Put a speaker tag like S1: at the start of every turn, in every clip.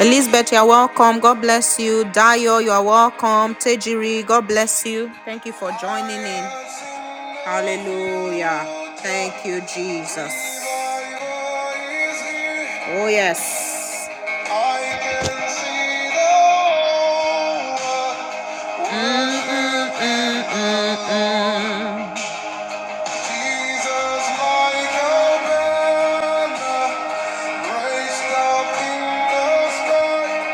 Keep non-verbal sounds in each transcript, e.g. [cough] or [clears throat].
S1: Elizabeth, you're welcome. God bless you. Dio, you're welcome. Tejiri, God bless you. Thank you for joining in. Hallelujah. Thank you, Jesus. Oh, yes. Mm.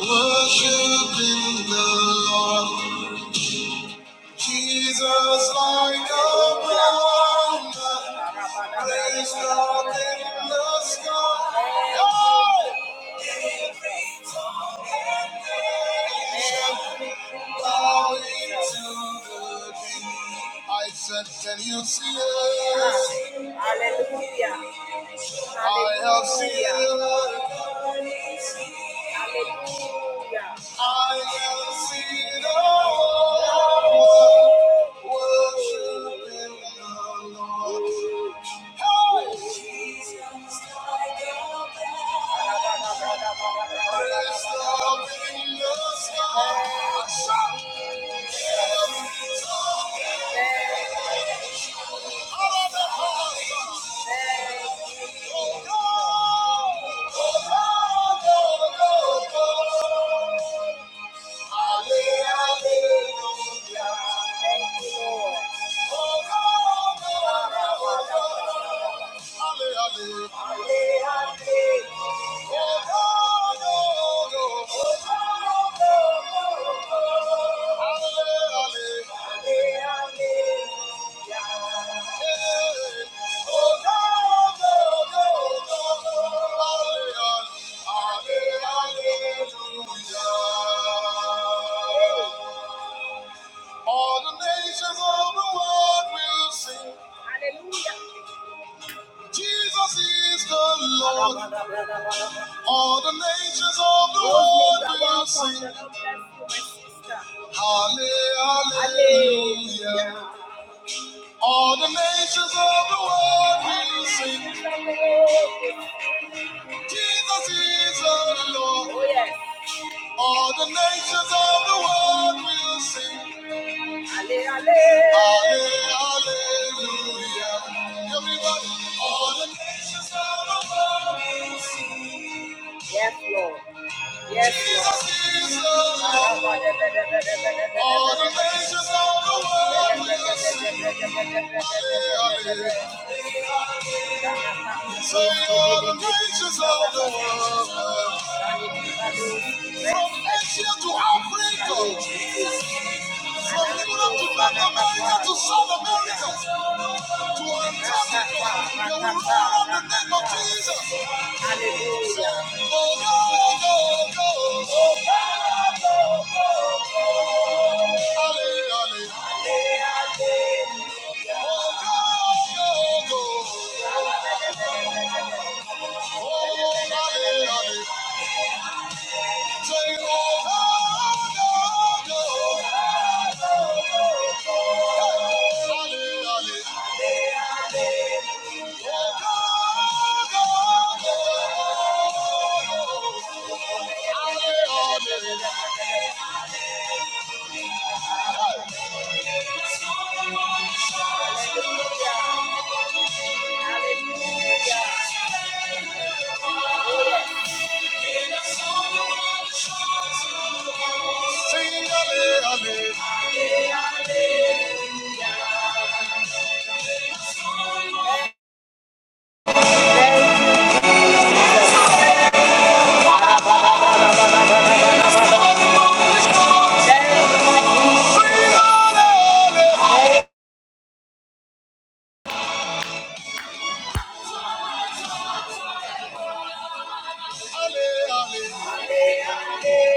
S1: Worshiping the Lord. Jesus like a wonder, raised up in the sky. Oh! Every tongue and nation bowing to the King. I said, can you see it? Hallelujah. I have seen Hallelujah. it. Hallelujah. I am seen the on worshiping the Lord. Hey! Jesus died on the cross. Praise the King. Thank you. Hallelujah. All the nations of the world will sing. Hallelujah. Jesus is the Lord. All the nations of the world will sing. Hallelujah. All the nations of the world will sing. Jesus is the Lord. All the nations of the world will sing. Ale, ale. Ale, hallelujah. Everybody, all the nations of the world will see. Yes, Lord. Yes, Lord. Jesus is Lord. All the nations of the world will see. Hallelujah. So all the nations of the world, from Asia to Africa. From Lebanon to North America to South America to Antarctica, the roar of the name of Jesus. Hallelujah. Go, go, go, go. Halle, halle. Oh, go, go, go. Oh, halle, halle. Say, oh, no, no, no. Hey,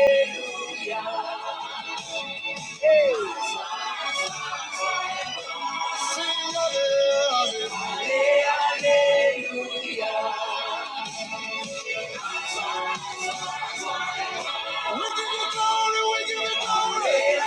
S1: hallelujah. We give you glory, we give you glory.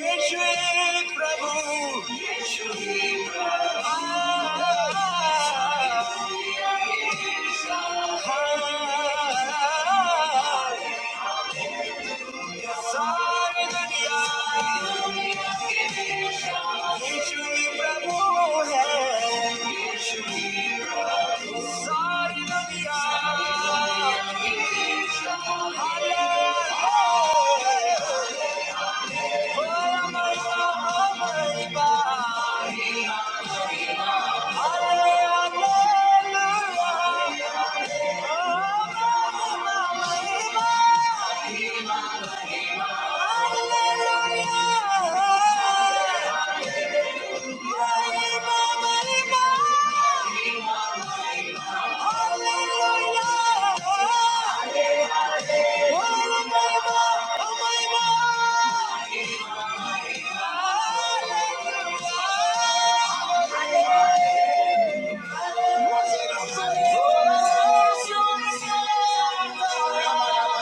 S1: Yeshu Prabhu. सारी दुनिया यीशु ही प्रभु है सारी दुनिया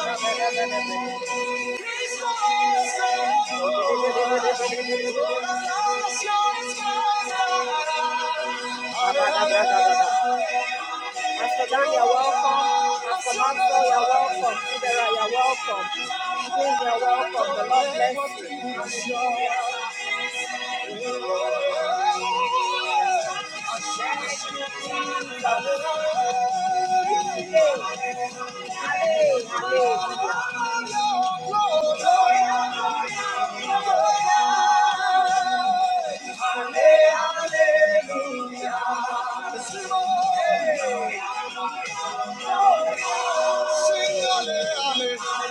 S1: Hallelujah. Pastor Dan, you're welcome. Pastor Maxwell, you're welcome. Sidera, you're welcome. Queen, you're welcome. The Lord bless you. Oh, yes.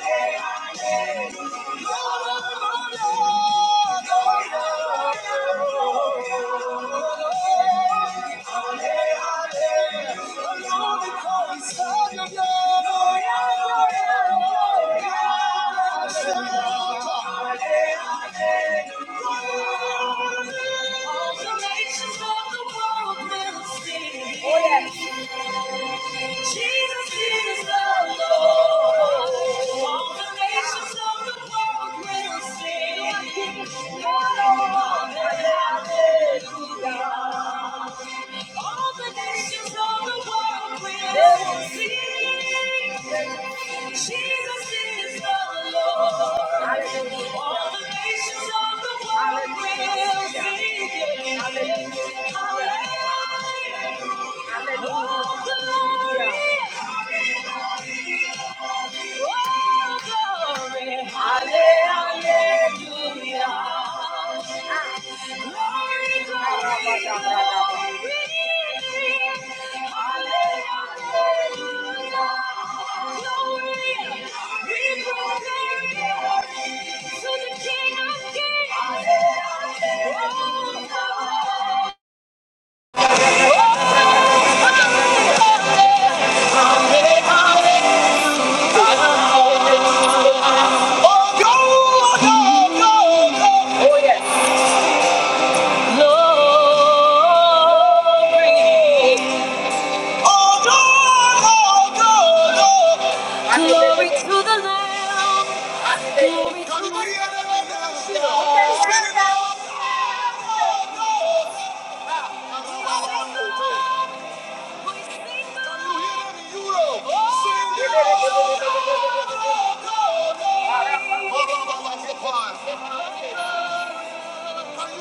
S1: They will see All the nations of the world will see you. Hallelujah. Oh, glory. Hallelujah. Glory, glory, glory. Hallelujah. We proclaim to the King of Kings. Hallelujah. Oh, go, go, go, go. Oh, yes. Glory to glory to Yeah.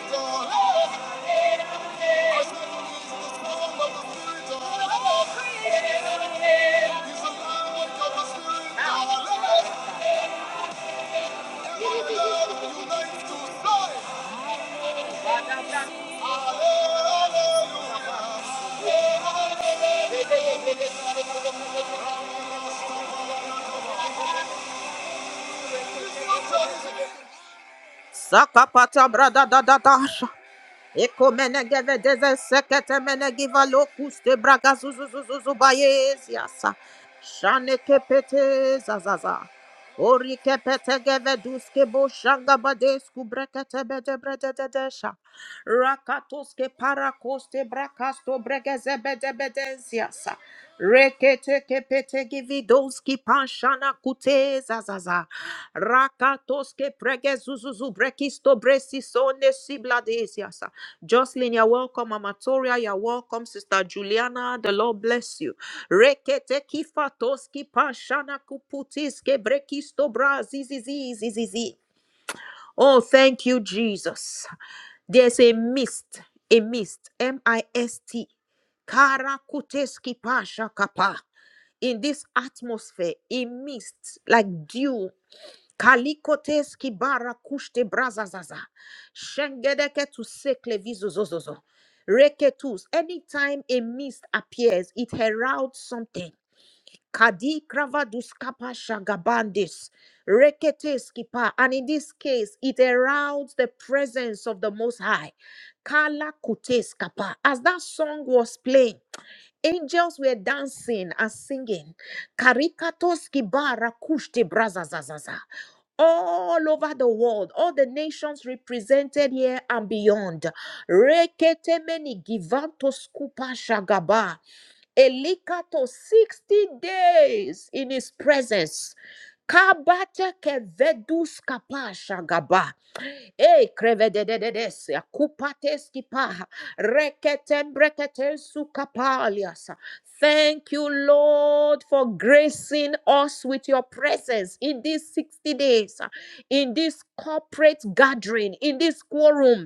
S1: Hallelujah. Sakapata brada da da da. Ekomene geve deze sekete mene giva lokuste braga zuzuzuzuzu bayez yasa. Shane kepete zazaza. Ori kepete geve duske bo shanga badesku brekete bede brede dedesha. Rakatoske parakoste brakasto bregeze bede bedez yasa. Rekete kepete givi doski panshana kute zazaza. Rakatos ke pregezuzuzu brekisto bresi sone siblades Jocelyn, you're welcome. Amatoria, you're welcome. Sister Juliana, the Lord bless you. Rekete kifatoski pashana kuputiske brekisto brazizizi zizizi. Oh, thank you, Jesus. There's a mist, a mist, M I S T. Karakuteski pasha kapa in this atmosphere, a mist like dew Kalikotes kibara kushte brazazaza. Shengedeke to sekle vizuzozozo. Reketus. Anytime a mist appears, it heralds something. Kadi kravadus kapa shagabandis. Reketes kipa. And in this case, it aroused the presence of the Most High. Kala kutes kapa. As that song was playing, angels were dancing and singing. Karikatos kibara kushti brazazazaza. All over the world, all the nations represented here and beyond. Rekete meni givantos kupa shagaba. Elika 60 days in his presence. Kabate kevedus kapasha gaba. E krevedededes ya kupates kipa. Reketen breketen sukapalias. Thank you, Lord, for gracing us with your presence in these 60 days, in this corporate gathering, in this quorum.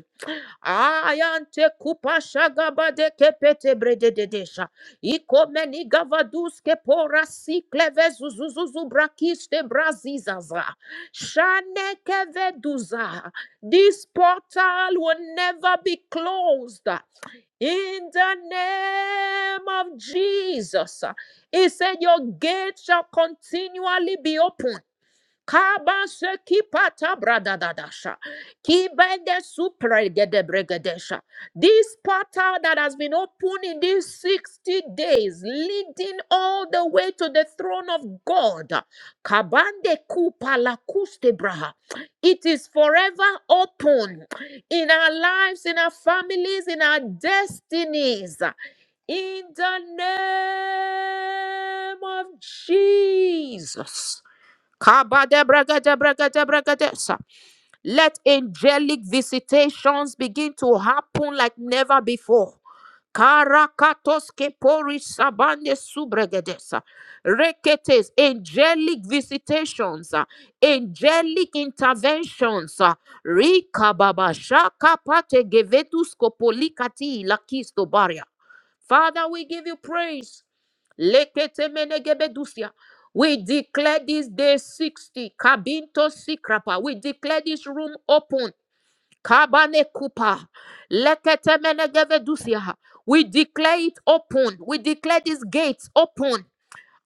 S1: Ayante kupasha gabade kepete bredededesha. Ikomeni gavaduske pora sikleve zuzuzuzu brakiste brazizaza. Shanekeveduza. This portal will never be closed. In the name of Jesus, he said, Your gate shall continually be open. Kabase kipata bradadadasha. Kibende supregedebregedesha. This portal that has been open in these 60 days, leading all the way to the throne of God. Kabande kupala kustebraha. It is forever open in our lives, in our families, in our destinies. In the name of Jesus. Kabadebragadebragadebragadesa. Let angelic visitations begin to happen like never before. Karakatos kepori sabande subregedesa. Reketes, angelic visitations, uh, angelic interventions. uh, Rika baba shaka pate gevetus kopolikati lakisto baria. Father, we give you praise. Lekete menegebedusia. We declare this day 60. Kabinto sikrapa. We declare this room open. Kabane kupa. Lekete menegeve dusia. We declare it open. We declare these gates open.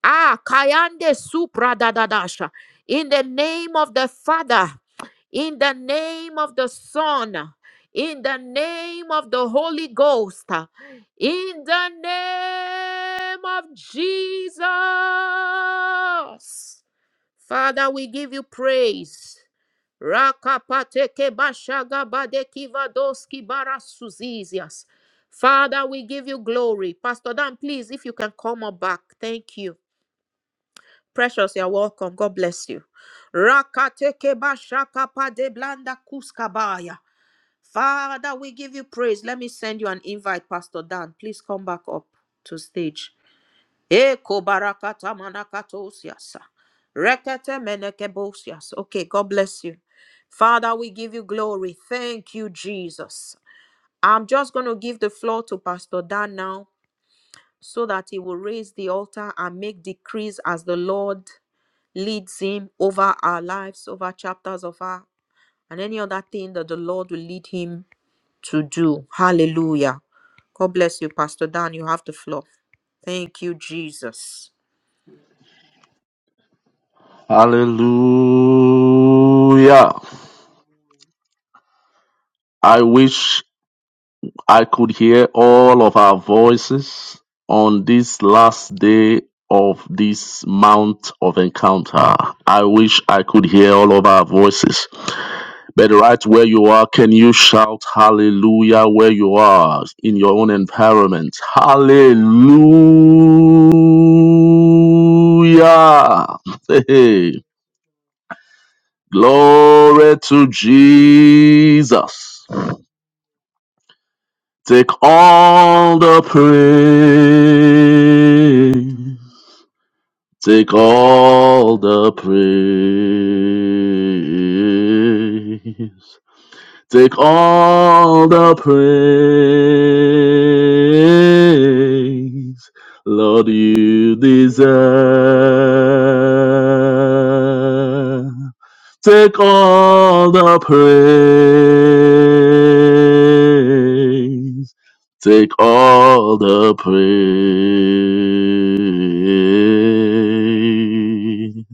S1: Ah, Kayande Supra Dadadasha. In the name of the Father, in the name of the Son, in the name of the Holy Ghost, in the name of Jesus. Father, we give you praise. Rakapateke bashagabadeki vadoski barasuzizias. Father, we give you glory. Pastor Dan, please, if you can come up back. Thank you. Precious, you're welcome. God bless you. Rakatekeba shakapa de blanda kuskabaya. Father, we give you praise. Let me send you an invite, Pastor Dan. Please come back up to stage. Eko barakata manakatosiasa. Rekete menekebosias. Okay, God bless you. Father, we give you glory. Thank you, Jesus. I'm just going to give the floor to Pastor Dan now so that he will raise the altar and make decrees as the Lord leads him over our lives, over chapters of our, and any other thing that the Lord will lead him to do. Hallelujah. God bless you, Pastor Dan. You have the floor. Thank you, Jesus.
S2: Hallelujah. I wish I could hear all of our voices on this last day of this Mount of Encounter. I wish I could hear all of our voices. But right where you are, can you shout hallelujah where you are in your own environment? Hallelujah. [laughs] Hey. hey. Glory to Jesus. Take all the praise. Take all the praise. Take all the praise. Lord, you deserve. Take all the praise. Take all the praise.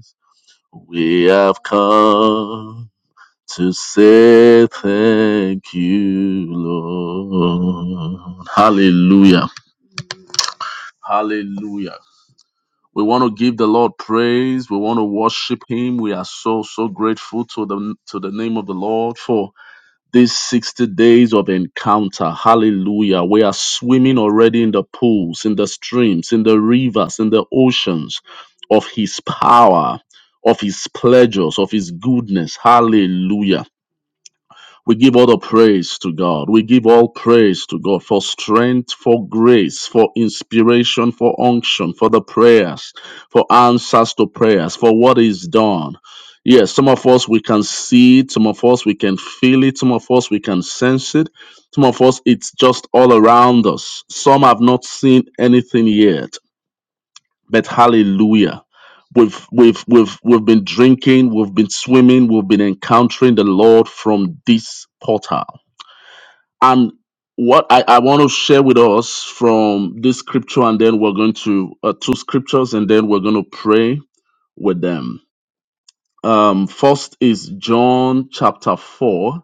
S2: We have come to say thank you, Lord. Hallelujah. Hallelujah. We want to give the Lord praise. We want to worship Him. We are so so grateful to the to the name of the Lord for these 60 days of encounter. Hallelujah. We are swimming already in the pools, in the streams, in the rivers, in the oceans of His power, of His pleasures, of His goodness. Hallelujah. We give all the praise to God. We give all praise to God for strength, for grace, for inspiration, for unction, for the prayers, for answers to prayers, for what is done. Yes, some of us we can see it, some of us we can feel it, some of us we can sense it, some of us it's just all around us. Some have not seen anything yet, but hallelujah. We've, we've, we've, we've been drinking, we've been swimming, we've been encountering the Lord from this portal and what I, I want to share with us from this scripture, and then we're going to uh, two scriptures, and then we're going to pray with them. Um, first is John chapter 4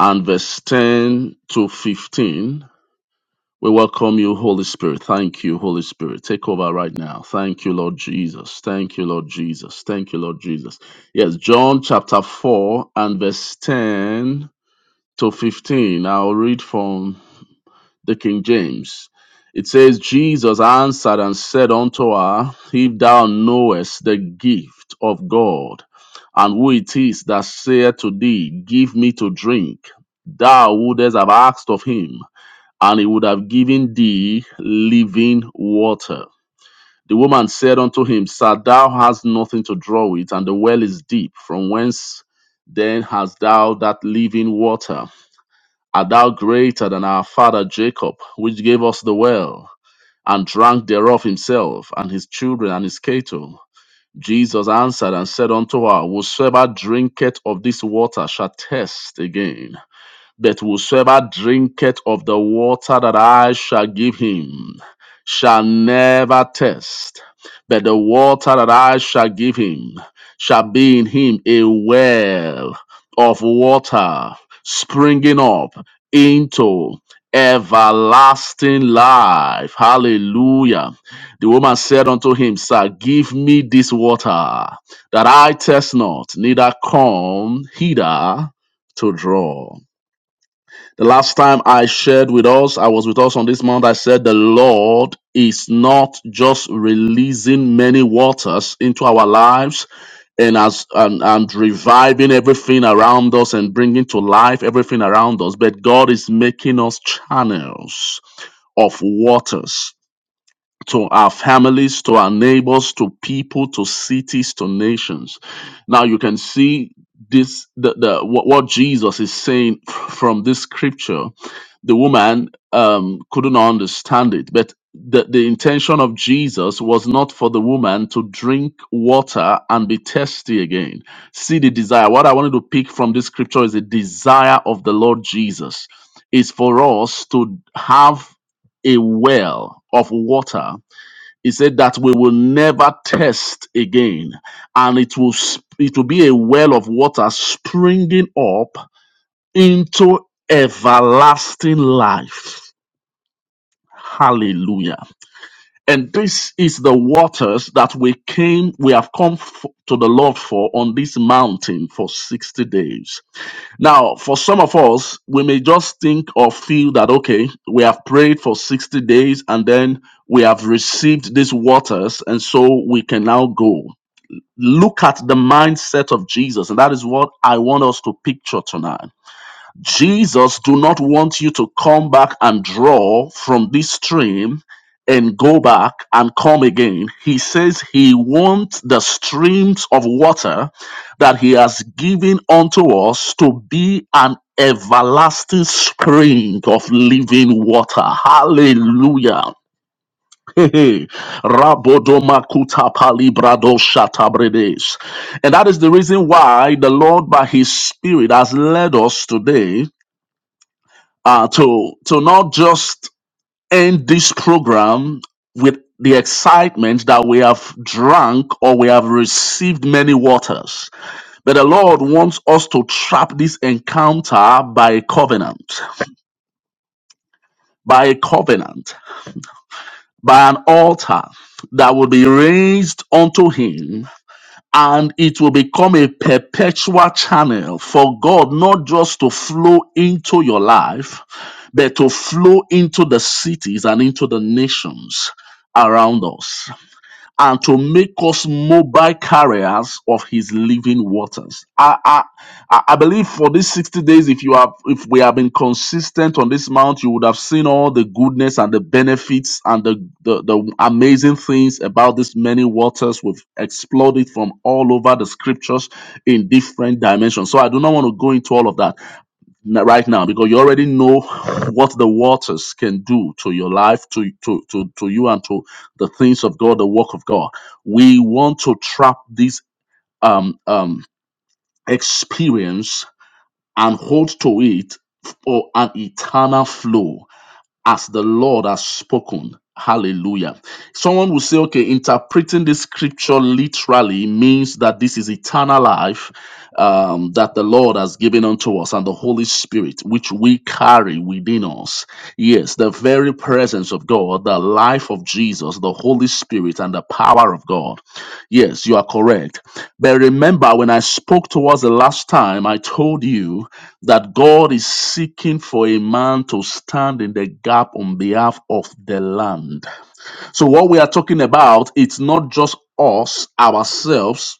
S2: and verse 10 to 15. We welcome you, Holy Spirit. Thank you, Holy Spirit. Take over right now. Thank you, Lord Jesus. Thank you, Lord Jesus. Thank you, Lord Jesus. Yes, John chapter 4 and verse 10 to 15. I'll read from the King James. It says, Jesus answered and said unto her, If thou knowest the gift of God, and who it is that saith to thee, Give me to drink, thou wouldest have asked of him, and he would have given thee living water. The woman said unto him, Sir, thou hast nothing to draw with, and the well is deep. From whence then hast thou that living water? Art thou greater than our father Jacob, which gave us the well, and drank thereof himself, and his children, and his cattle? Jesus answered and said unto her, Whosoever drinketh of this water shall thirst again. That whosoever drinketh of the water that I shall give him shall never thirst, but the water that I shall give him shall be in him a well of water springing up into everlasting life. Hallelujah. The woman said unto him, Sir, give me this water, that I test not, neither come hither to draw. The last time I shared with us, I was with us on this month, I said the Lord is not just releasing many waters into our lives and as and, and reviving everything around us and bringing to life everything around us, but God is making us channels of waters to our families, to our neighbors, to people, to cities, to nations. Now you can see this the, the what, what Jesus is saying [laughs] from this scripture. The woman um, couldn't understand it, but the, the intention of Jesus was not for the woman to drink water and be thirsty again. See the desire. What I wanted to pick from this scripture is the desire of the Lord Jesus is for us to have a well of water he said that we will never test again, and it will sp- it will be a well of water springing up into everlasting life. Hallelujah. And this is the waters that we came, we have come f- to the Lord for on this mountain for 60 days. Now, for some of us, we may just think or feel that, okay, we have prayed for 60 days and then we have received these waters, and so we can now go. Look at the mindset of Jesus, and that is what I want us to picture tonight. Jesus do not want you to come back and draw from this stream and go back and come again. He says he wants the streams of water that he has given unto us to be an everlasting spring of living water. Hallelujah. [laughs] Hey, hey. Rabodomakuta palibrado shatabredes. And that is the reason why the Lord, by His Spirit, has led us today uh, to to not just end this program with the excitement that we have drunk or we have received many waters. But the Lord wants us to trap this encounter by a covenant, by a covenant, by an altar that will be raised unto Him and it will become a perpetual channel for God not just to flow into your life, but to flow into the cities and into the nations around us and to make us mobile carriers of his living waters. I, I, I I believe for these 60 days, if you have if we have been consistent on this mount, you would have seen all the goodness and the benefits and the, the, the amazing things about these many waters. We've explored it from all over the scriptures in different dimensions. So I do not want to go into all of that n- right now because you already know what the waters can do to your life to, to to to you and to the things of god the work of god we want to trap this um um experience and hold to it for an eternal flow as the Lord has spoken. Hallelujah. Someone will say, okay, interpreting this scripture literally means that this is eternal life um, that the Lord has given unto us and the Holy Spirit, which we carry within us. Yes, the very presence of God, the life of Jesus, the Holy Spirit, and the power of God. Yes, you are correct. But remember, when I spoke to us the last time, I told you that God is seeking for a man to stand in the gap on behalf of the land. So what we are talking about, it's not just us, ourselves,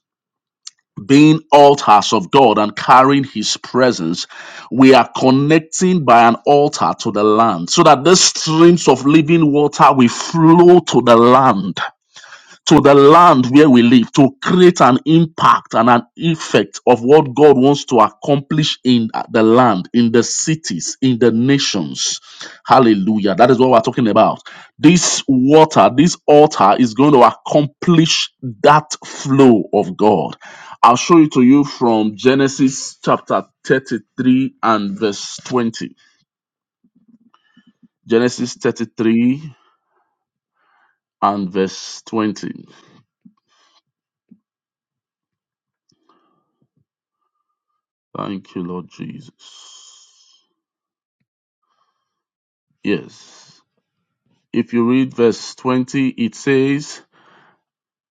S2: being altars of God and carrying his presence. We are connecting by an altar to the land so that the streams of living water will flow to the land to the land where we live to create an impact and an effect of what God wants to accomplish in uh, the land, in the cities, in the nations. Hallelujah. That is what we're talking about. This water, this altar is going to accomplish that flow of God. I'll show it to you from Genesis chapter 33 and verse 20. Genesis 33 and verse 20. Thank you, Lord Jesus. Yes. If you read verse 20, it says,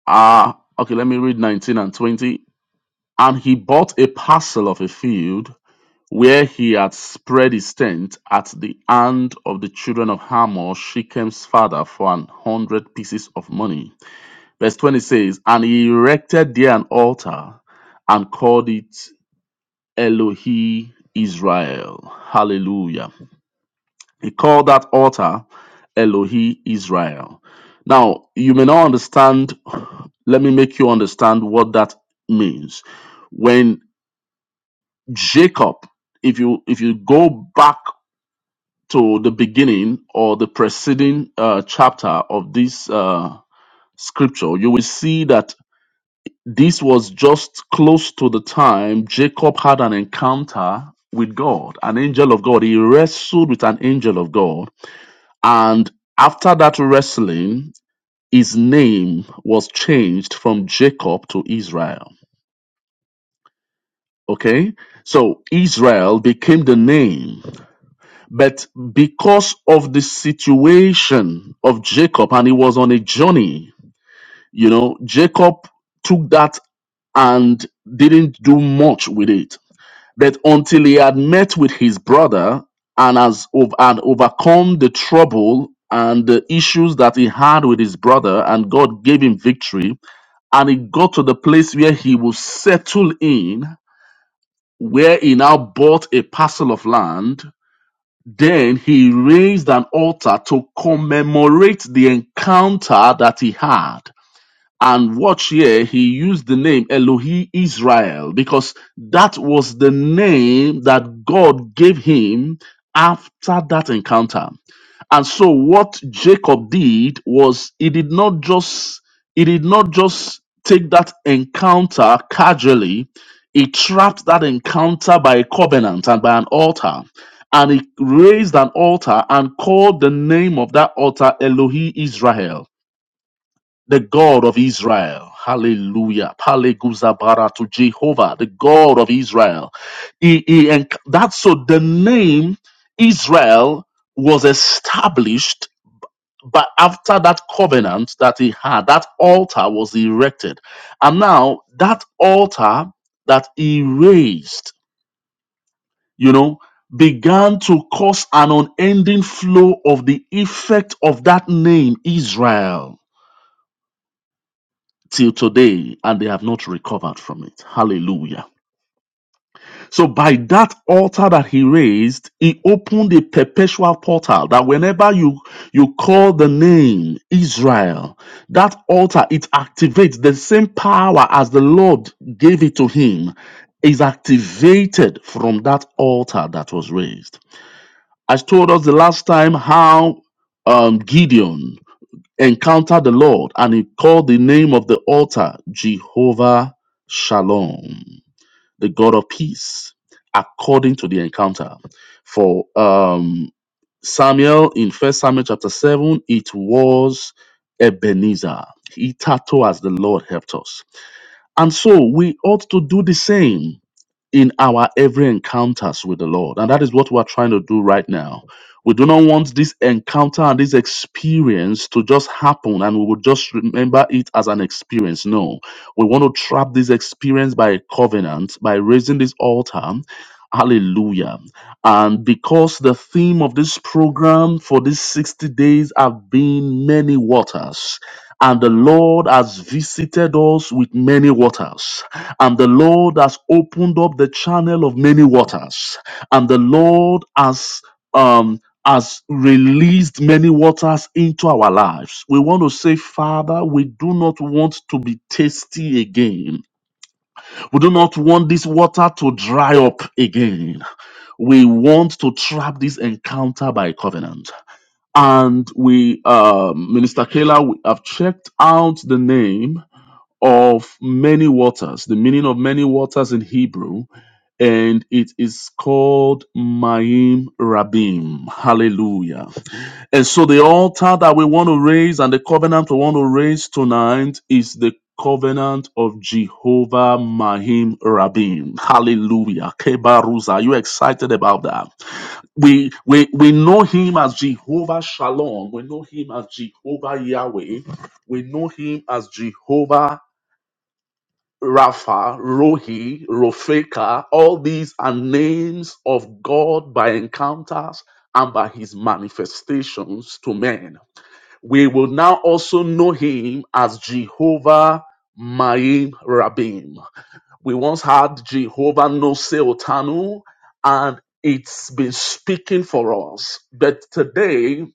S2: uh, okay, let me read 19 and 20. And he bought a parcel of a field where he had spread his tent at the hand of the children of Hamor, Shechem's father, for an hundred pieces of money. Verse 20 says, And he erected there an altar and called it Elohi Israel. Hallelujah. He called that altar Elohi Israel. Now, you may not understand, let me make you understand what that means. When Jacob, if you if you go back to the beginning or the preceding uh, chapter of this uh, scripture, you will see that this was just close to the time Jacob had an encounter with God, an angel of God. He wrestled with an angel of God And after that wrestling, his name was changed from Jacob to Israel. Okay? So Israel became the name. But because of the situation of Jacob, and he was on a journey, you know, Jacob took that and didn't do much with it that until he had met with his brother and has ov- and overcome the trouble and the issues that he had with his brother and God gave him victory and he got to the place where he will settle in where he now bought a parcel of land then he raised an altar to commemorate the encounter that he had and watch here, he used the name Elohi Israel because that was the name that God gave him after that encounter. And so what Jacob did was he did not just he did not just take that encounter casually. He trapped that encounter by a covenant and by an altar. And he raised an altar and called the name of that altar Elohi Israel the God of Israel. Hallelujah. Paleguzabara to Jehovah, the God of Israel. He, he, and that's so the name Israel was established but after that covenant that he had, that altar was erected. And now that altar that he raised, you know, began to cause an unending flow of the effect of that name, Israel till today and they have not recovered from it. Hallelujah. So by that altar that he raised, he opened a perpetual portal that whenever you you call the name Israel, that altar it activates the same power as the Lord gave it to him is activated from that altar that was raised. I told us the last time how um, Gideon encountered the Lord and he called the name of the altar Jehovah Shalom, the God of peace, according to the encounter. For um, Samuel in First Samuel chapter 7, it was Ebenezer. Itato as the Lord helped us. And so we ought to do the same in our every encounters with the Lord. And that is what we're trying to do right now. We do not want this encounter and this experience to just happen and we will just remember it as an experience. No, we want to trap this experience by a covenant, by raising this altar. Hallelujah. And because the theme of this program for these 60 days have been many waters, and the Lord has visited us with many waters and the Lord has opened up the channel of many waters, and the Lord has um has released many waters into our lives. We want to say, Father, we do not want to be thirsty again. We do not want this water to dry up again. We want to trap this encounter by covenant. And we, uh, Minister Kayla, we have checked out the name of many waters, the meaning of many waters in Hebrew and it is called Maim Rabim. Hallelujah. And so the altar that we want to raise and the covenant we want to raise tonight is the covenant of Jehovah Mahim Rabim. Hallelujah. Kebaruza. Are you excited about that? We we we know him as Jehovah Shalom. We know him as Jehovah Yahweh. We know him as Jehovah Rapha, Rohi, Rofeka, all these are names of God by encounters and by his manifestations to men. We will now also know him as Jehovah Maim Rabim. We once had Jehovah No Otanu, and it's been speaking for us. But today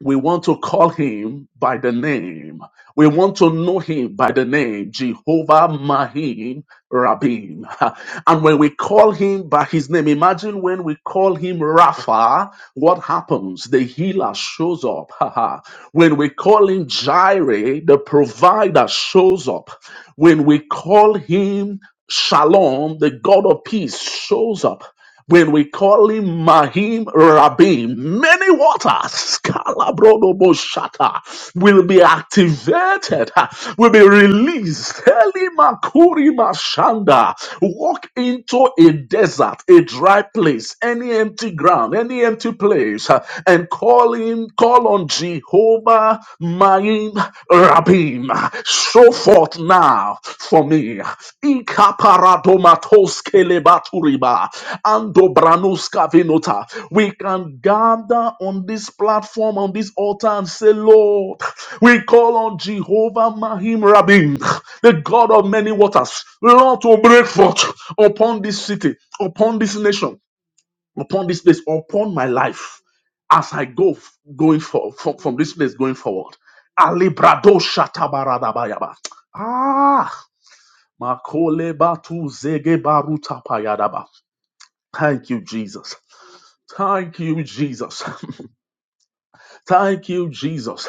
S2: we want to call him by the name. We want to know him by the name Jehovah Mahim Rabim. [laughs] And when we call him by his name, imagine when we call him Rapha, what happens? The healer shows up. [laughs] when we call him Jireh, the provider shows up. When we call him Shalom, the God of peace shows up. When we call him Mahim Rabim, many waters, Kalabrodoboshata, will be activated, uh, will be released. Elimakuri Mashanda, walk into a desert, a dry place, any empty ground, any empty place, uh, and call in, call on Jehovah Mahim Rabim, show forth now for me. Ikaparadomatos kelebaturiba, andobranuska venota. We can gather on this platform, on this altar, and say, Lord, we call on Jehovah Mahim Rabim, the God of many waters, Lord, to break forth upon this city, upon this nation upon this place, upon my life, as I go f- going for, for- from this place going forward. Ali brado shatabaradabayaba. Ah, makole batu zege baruta payadaba. Thank you, Jesus. Thank you, Jesus. [laughs] Thank you, Jesus.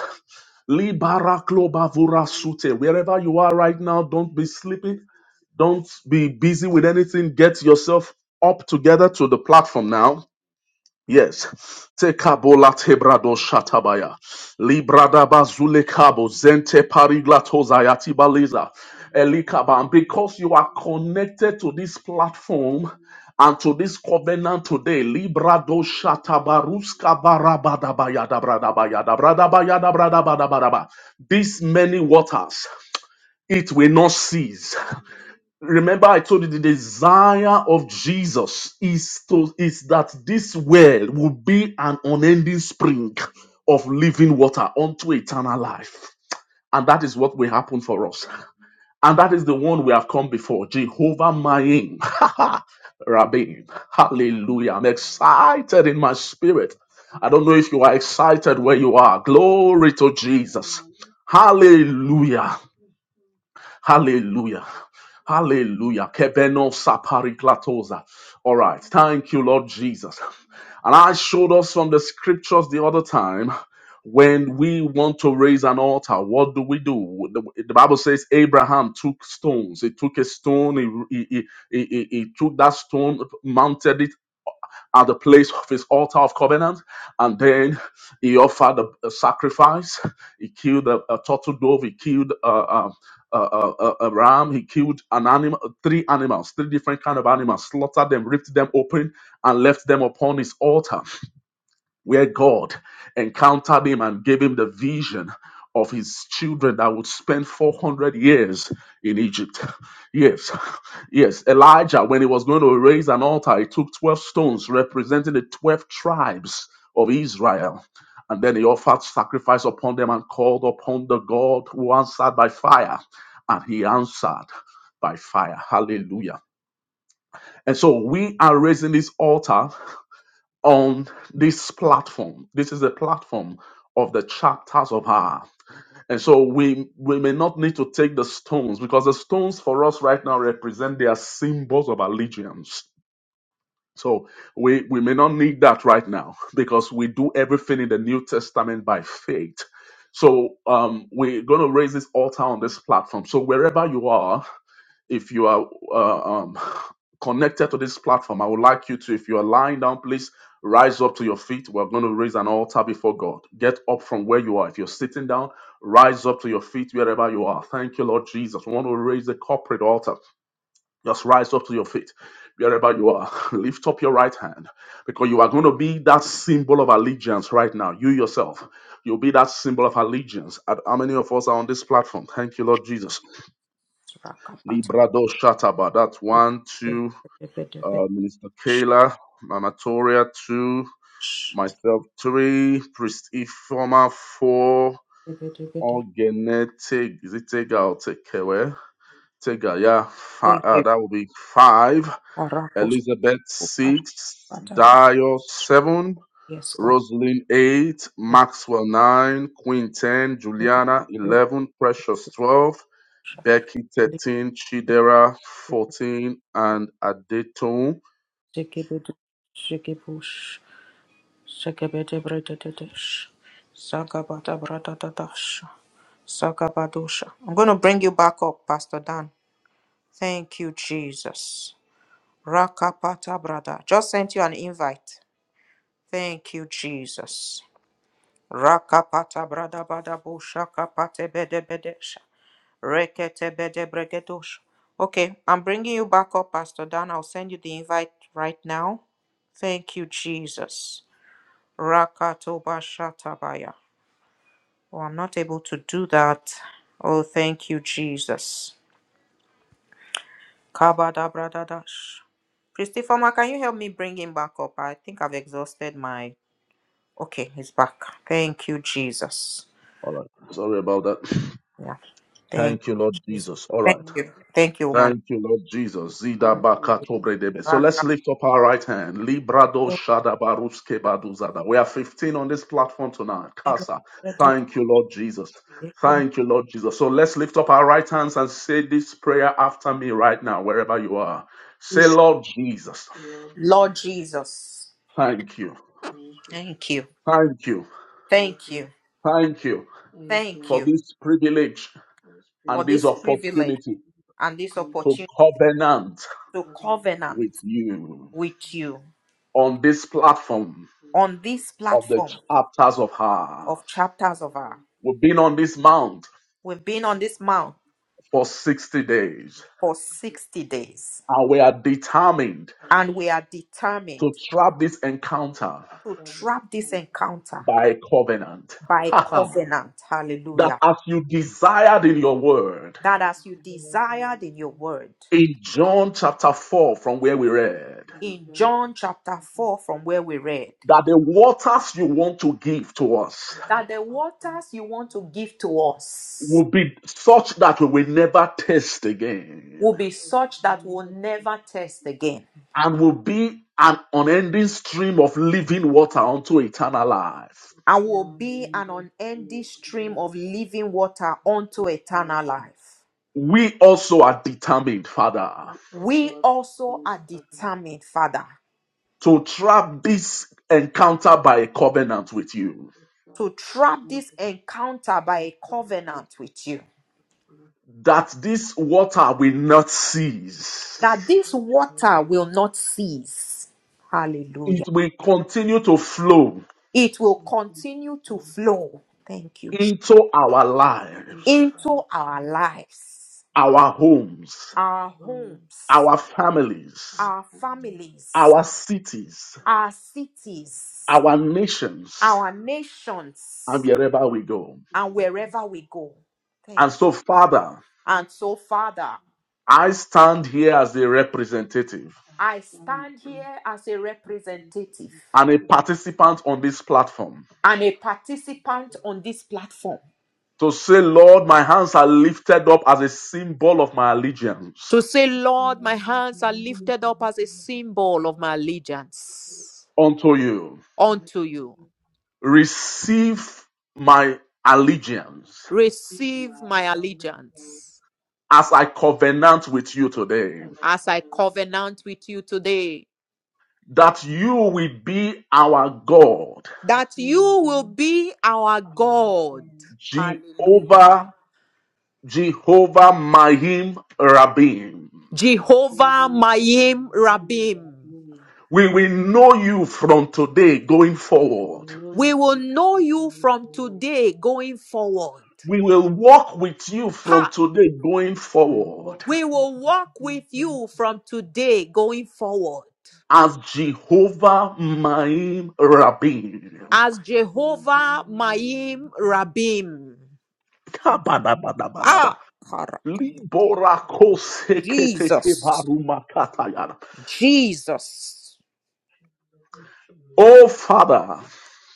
S2: Libaraklo bavura sute. Wherever you are right now, don't be sleepy. Don't be busy with anything. Get yourself up together to the platform now Yes. Te kabola tebrado shatabaya. Librada bazule kabo zente pariglato zayati baliza. Elikaba. And because you are connected to this platform and to this covenant today, librado shatabaruska barabadabaya dabradabaya dabradabaya dabradabadabadaba. These many waters, it will not cease. Remember, I told you the desire of Jesus is to is that this well will be an unending spring of living water unto eternal life. And that is what will happen for us. And that is the one we have come before. Jehovah Mayim. [laughs] Rabbi. Hallelujah. I'm excited in my spirit. I don't know if you are excited where you are. Glory to Jesus. Hallelujah. Hallelujah. Hallelujah. Kebeno sapariklatosa. All right. Thank you, Lord Jesus. And I showed us from the scriptures the other time when we want to raise an altar, what do we do? The, the Bible says Abraham took stones. He took a stone, he, he, he, he he took that stone, mounted it at the place of his altar of covenant. And then he offered a, a sacrifice. He killed a, a turtle dove. He killed a, a, a, a, a ram. He killed an animal, three animals, three different kind of animals, slaughtered them, ripped them open, and left them upon his altar where God encountered him and gave him the vision of his children that would spend 400 years in Egypt. Yes, yes. Elijah, when he was going to raise an altar, he took 12 stones representing the 12 tribes of Israel. And then he offered sacrifice upon them and called upon the God who answered by fire. And he answered by fire. Hallelujah. And so we are raising this altar on this platform. This is the platform of the chapters of her. And so we we may not need to take the stones because the stones for us right now represent their symbols of allegiance. So we, we may not need that right now because we do everything in the New Testament by faith. So um, we're going to raise this altar on this platform. So wherever you are, if you are uh, um, [sighs] connected to this platform, I would like you to, if you are lying down, please rise up to your feet. We're going to raise an altar before God. Get up from where you are. If you're sitting down, rise up to your feet wherever you are. Thank you, Lord Jesus. We want to raise the corporate altar. Just rise up to your feet wherever you are. [laughs] Lift up your right hand because you are going to be that symbol of allegiance right now. You yourself, you'll be that symbol of allegiance. How many of us are on this platform? Thank you, Lord Jesus. Librado Shataba. That's one, two. Uh, Minister Kayla, Mama Toria, two. Myself, three. Priest Ifoma, four. Ogene, is it Tega or Tekewe? Tega, yeah. Fi-
S1: Thank
S2: uh,
S1: you.
S2: that will be five.
S1: Arakos
S2: Elizabeth,
S1: kupar
S2: six. Dio, seven.
S1: Yes, God.
S2: Rosalind 8,
S1: Yes.
S2: Maxwell 9, Queen 10, Juliana 11, Precious 12, Becky 13, Chidera 14, and Adetun.
S1: Shekebedu. Shekebush. Shekebedebredededish. Sagabatabratatash. Sagabadosha. I'm going to bring you back up, Pastor Dan. Thank you, Jesus. Rakapata brada. Just sent you an invite. Thank you, Jesus. Rakapata brada bada busha kapate bede bedesha. Rekete bede bregedosha. Okay, I'm bringing you back up, Pastor Dan. I'll send you the invite right now. Thank you, Jesus. Rakatoba shatabaya. Oh, I'm not able to do that. Oh, thank you, Jesus. Kabada brada dash. Christopher, can you help me bring him back up? I think I've exhausted my Okay, he's back. Thank you, Jesus.
S2: All right. Sorry about that. [clears throat]
S1: Yeah. Thank
S2: Thank you,
S1: you,
S2: Lord
S1: Jesus.
S2: Jesus. All
S1: Thank
S2: right.
S1: you. Thank you, woman.
S2: Thank you, Lord Jesus. Zida baka tobre debe. So
S1: of
S2: let's lift up our right hand. Librado shada baruske baduzada. We are 15 on this platform tonight. Casa.
S1: God.
S2: Thank you, Lord Jesus. Thank you, Lord Jesus. So let's lift up our right hands and say this prayer after me right now, wherever you are. Say, Lord Jesus,
S1: Lord Jesus.
S2: thank you.
S1: Thank you.
S2: Thank you.
S1: Thank you.
S2: Thank you
S1: Thank
S2: for
S1: you
S2: this privilege
S1: for
S2: and this
S1: this privilege
S2: opportunity
S1: and this
S2: to
S1: opportunity
S2: covenant
S1: to covenant
S2: with you.
S1: with you
S2: on this platform
S1: on this
S2: of the
S1: platform
S2: chapters of
S1: of
S2: Half.
S1: chapters of our.
S2: We've been on this mount
S1: We've been on this mount
S2: for 60 days,
S1: for 60 days
S2: and we are determined
S1: and we are determined
S2: to trap this encounter
S1: to trap this encounter
S2: by a covenant. [laughs]
S1: by covenant.
S2: that
S1: Hallelujah
S2: as you desired in your word,
S1: that as you desired in your word,
S2: in John chapter 4, from where we read,
S1: in John chapter 4, from where we read,
S2: that the waters you want to give to us
S1: that the waters you want to give to us
S2: will be such that we will never taste again.
S1: will be such that we'll never thirst again
S2: and will be an unending stream of living water unto eternal life.
S1: and will be an unending stream of living water unto eternal life.
S2: We also are determined, Father,
S1: We also are determined, Father,
S2: to trap this encounter by a covenant with you,
S1: to trap this encounter by a covenant with you,
S2: that this water will not
S1: that
S2: cease.
S1: this water will not cease. Hallelujah
S2: It will continue to flow
S1: It will continue to flow. Thank you. Jesus.
S2: into our lives,
S1: Into our lives,
S2: our homes,
S1: our homes,
S2: our families,
S1: our families,
S2: our cities,
S1: our cities,
S2: our nations,
S1: our
S2: and
S1: nations,
S2: wherever we go.
S1: and wherever we go. Thank you.
S2: And so, Father,
S1: And so, Father,
S2: I stand here as a representative
S1: I stand here as a representative
S2: and a participant on this platform
S1: and a platform
S2: to say, Lord, my hands are lifted up as a symbol of my allegiance
S1: to say, Lord, my hands are lifted up as a symbol of my hands
S2: unto you.
S1: unto you.
S2: Receive my allegiance
S1: Diligence
S2: as I covenant with you today
S1: as I covenant with you today
S2: that you will be our God,
S1: that you will be our God. Hallelujah.
S2: Jehovah, Jehovah Mahim Rabim.
S1: Jehovah Mayim Rabim.
S2: We will know you from today going forward.
S1: We will know you from today going forward.
S2: We will walk with you from
S1: Ha!
S2: today going We will forward walk
S1: We will walk with you from today going forward
S2: as Jehovah Maim Rabin.
S1: as Jehovah Mayim Rabim.
S2: Kabadabadabadaba.
S1: Ah, Jesus,
S2: Liborakoseketekebarumakatayara.
S1: Jesus.
S2: Oh Father,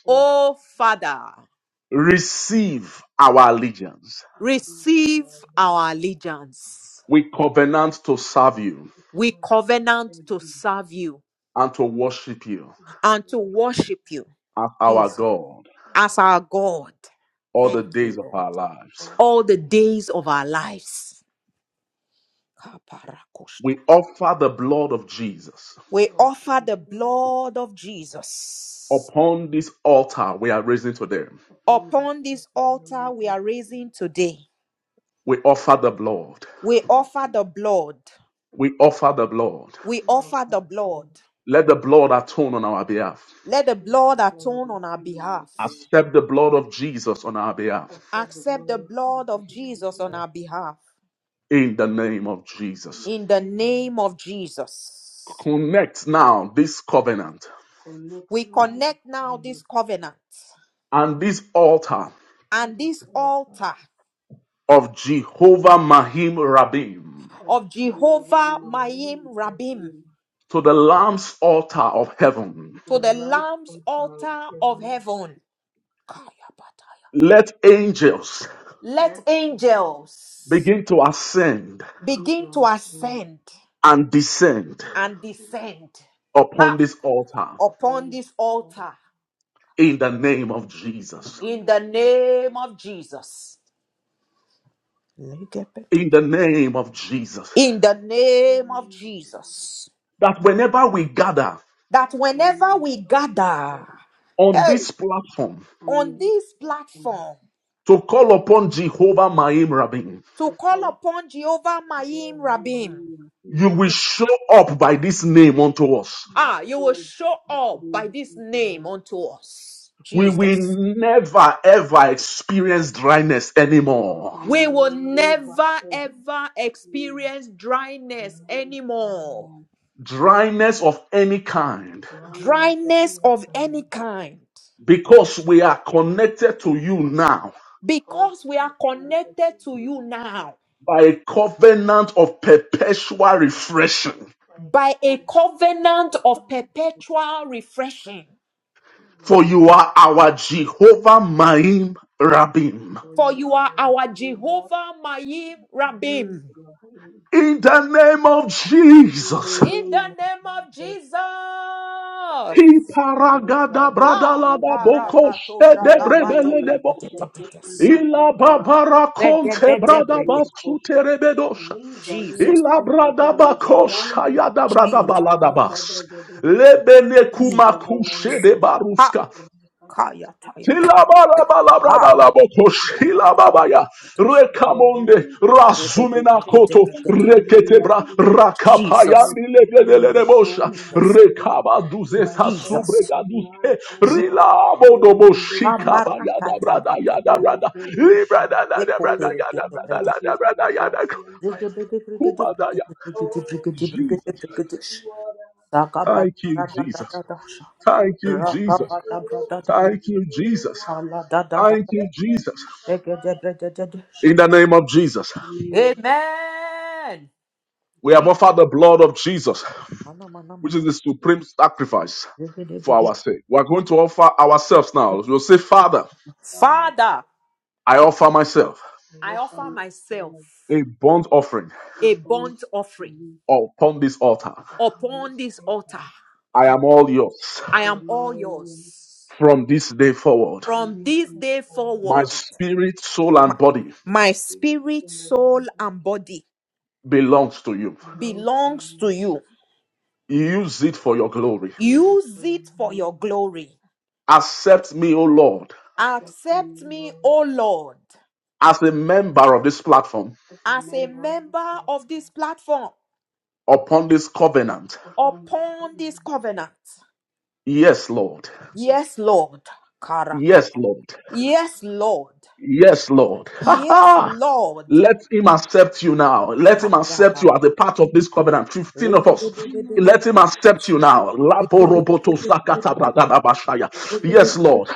S1: Oh, Father,
S2: receive our allegiance.
S1: receive our allegiance.
S2: We covenant to serve you
S1: We covenant to serve you
S2: and to worship you
S1: and to worship you,
S2: as our
S1: Jesus,
S2: God.
S1: as our God.
S2: all the
S1: Thank you,
S2: days of
S1: Lord.
S2: our lives.
S1: All the days of our lives. Kaparakoshta.
S2: We offer the blood of Jesus.
S1: We offer the blood of Jesus.
S2: Upon this altar we are raising to them.
S1: Upon this altar we are raising today,
S2: We offer the blood.
S1: we offer the blood.
S2: We offer the blood.
S1: We offer the blood.
S2: Let the blood atone on our behalf.
S1: Let the blood atone on our behalf.
S2: Accept the blood of Jesus on our behalf.
S1: Accept the blood of Jesus on our behalf.
S2: In the name of Jesus.
S1: In the name of Jesus.
S2: Connect now this covenant
S1: We connect now this covenant
S2: and this altar
S1: and this altar
S2: of Jehovah Mahim Rabim
S1: of Jehovah Mayim Rabim
S2: to the Lamb's altar of heaven
S1: to the Lamb's altar of heaven. Kaya bataya.
S2: Let angels
S1: Let angels
S2: begin to ascend
S1: begin to ascend
S2: and descend
S1: and descend
S2: upon
S1: ha,
S2: this altar
S1: upon this altar
S2: in the name of Jesus.
S1: in the name of Jesus. Legabete.
S2: In the name of Jesus.
S1: In the name of Jesus.
S2: That whenever we gather
S1: That whenever we gather,
S2: on
S1: hey,
S2: this platform
S1: on this platform,
S2: to call upon Jehovah Maim Rabin,
S1: to call upon Jehovah Maim Rabim.
S2: you will show up by this name unto us.
S1: Ah, you will show up by this name unto us,
S2: We will
S1: Jesus.
S2: never ever experience dryness anymore.
S1: We will never ever experience dryness anymore,
S2: dryness of any kind,
S1: dryness of any kind,
S2: because we are connected to you now
S1: because we are connected to you now
S2: by a covenant of perpetual refreshing.
S1: by a covenant of perpetual refreshing.
S2: For Yes, you are our Jehovah Maim Rabim.
S1: For you are our Jehovah Maim Rabim.
S2: In the name of in the Jesus,
S1: In the name of Jesus.
S2: Hiparagada bradalada
S1: Ha!
S2: bokoshe de brebele de bosa. Ila babara konte brada basute rebedosa.
S1: Jesus.
S2: Ila brada bakosha yada brada
S1: Jesus.
S2: balada bas. Lebele kumakushe de
S1: Ha.
S2: baruska.
S1: Kaya taya. Ha.
S2: Shilabarabalabradalabokoshilababaya.
S1: Labadadash.
S2: Rekamonde Rasumina Koto
S1: Rededebrigedebregede.
S2: Reketebra Rakapaya
S1: Jesus.
S2: Nilebedelebosha
S1: Jesus.
S2: Rekaba Duzesa
S1: Jesus.
S2: Subrega Duze Rilabo
S1: Jikabarakatabadabada.
S2: Librada Yada Brada Yada Brada
S1: Ekoperegedebrede.
S2: Jesus
S1: Regebedebrigedebrigedebrigedebrigedebrigedebrigedesh.
S2: Thank you Jesus
S1: Sagabadadadadadasha.
S2: Thank you Jesus
S1: Ragabadabradadada.
S2: Thank you Jesus Thank
S1: Aladadadada.
S2: you Jesus
S1: Degedebredededesh.
S2: In the name of Jesus,
S1: Amen.
S2: we have
S1: Jesus.
S2: offered the blood of Jesus, which is the supreme sacrifice for our sake. We are going to offer ourselves now. We'll say, Father,
S1: Father,
S2: I offer myself
S1: I offer myself
S2: a burnt offering
S1: a burnt offering
S2: upon this altar.
S1: upon this altar.
S2: I am all yours
S1: I am all yours.
S2: from this day forward.
S1: From this day
S2: My
S1: forward,
S2: spirit, soul,
S1: my,
S2: and body
S1: my spirit, soul, and body
S2: belongs to you.
S1: belongs to you.
S2: Use it for your glory.
S1: Use it for your glory.
S2: Accept me, O Lord,
S1: Accept me, O Lord,
S2: as a member of this platform
S1: as a member of this platform
S2: upon this covenant.
S1: upon this covenant.
S2: Yes, Lord.
S1: Yes, Lord.
S2: Yes,
S1: Karakara.
S2: Lord.
S1: Yes, Lord.
S2: Yes, Lord. Ha
S1: Yes,
S2: ha.
S1: Lord.
S2: Let him accept you now. Let him accept
S1: Kadaba.
S2: you as a part of this covenant. 15 of us. Let him accept you now. Laboroboto sakata bragadabashaya. Yes, Lord.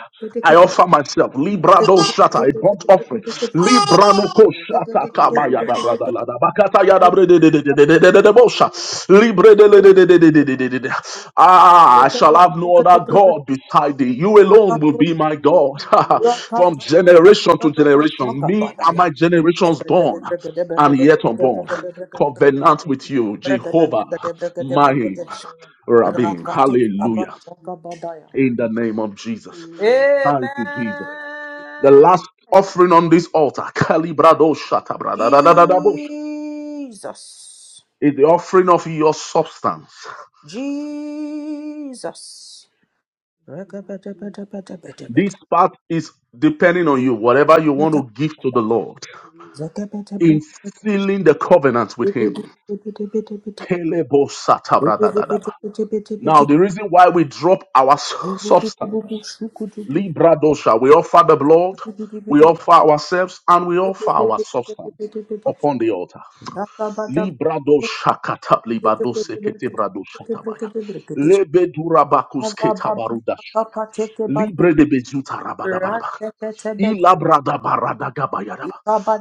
S2: I offer myself. Librado shata. A burnt offering. Libranuko shata kabayada bradalada. Bakata Libre de le- de- de- de- de- de- de- de- de- de. Ah, I shall have no other God beside thee. You alone will be my God [laughs] from generation to generation. Me and my generations born and yet unborn. Covenant with you, Jehovah, my
S1: Every
S2: Rabim.
S1: Rakatu
S2: Hallelujah.
S1: Abashagabadaya.
S2: In the name of Jesus. Thank you, Jesus. The
S1: Amen.
S2: last offering on this altar, Kalibrado Shatabrada,
S1: Jesus.
S2: is the offering of your substance.
S1: Jesus.
S2: This part is depending on you, whatever you want to give to the Lord in sealing the covenant with Him. Kelebo satabradadadaba. Now, the reason why we drop our s- substance,
S1: Rakabada
S2: Libra dosha, we offer the blood, we offer ourselves, and we offer our substance upon the altar. Libra dosha katab, libra dose ketebra dosha tabaya. Lebe durabakus
S1: Jesus!
S2: ketabarudash. Libre de bezuta rabadabadaba. Ilabradabaragadabaya.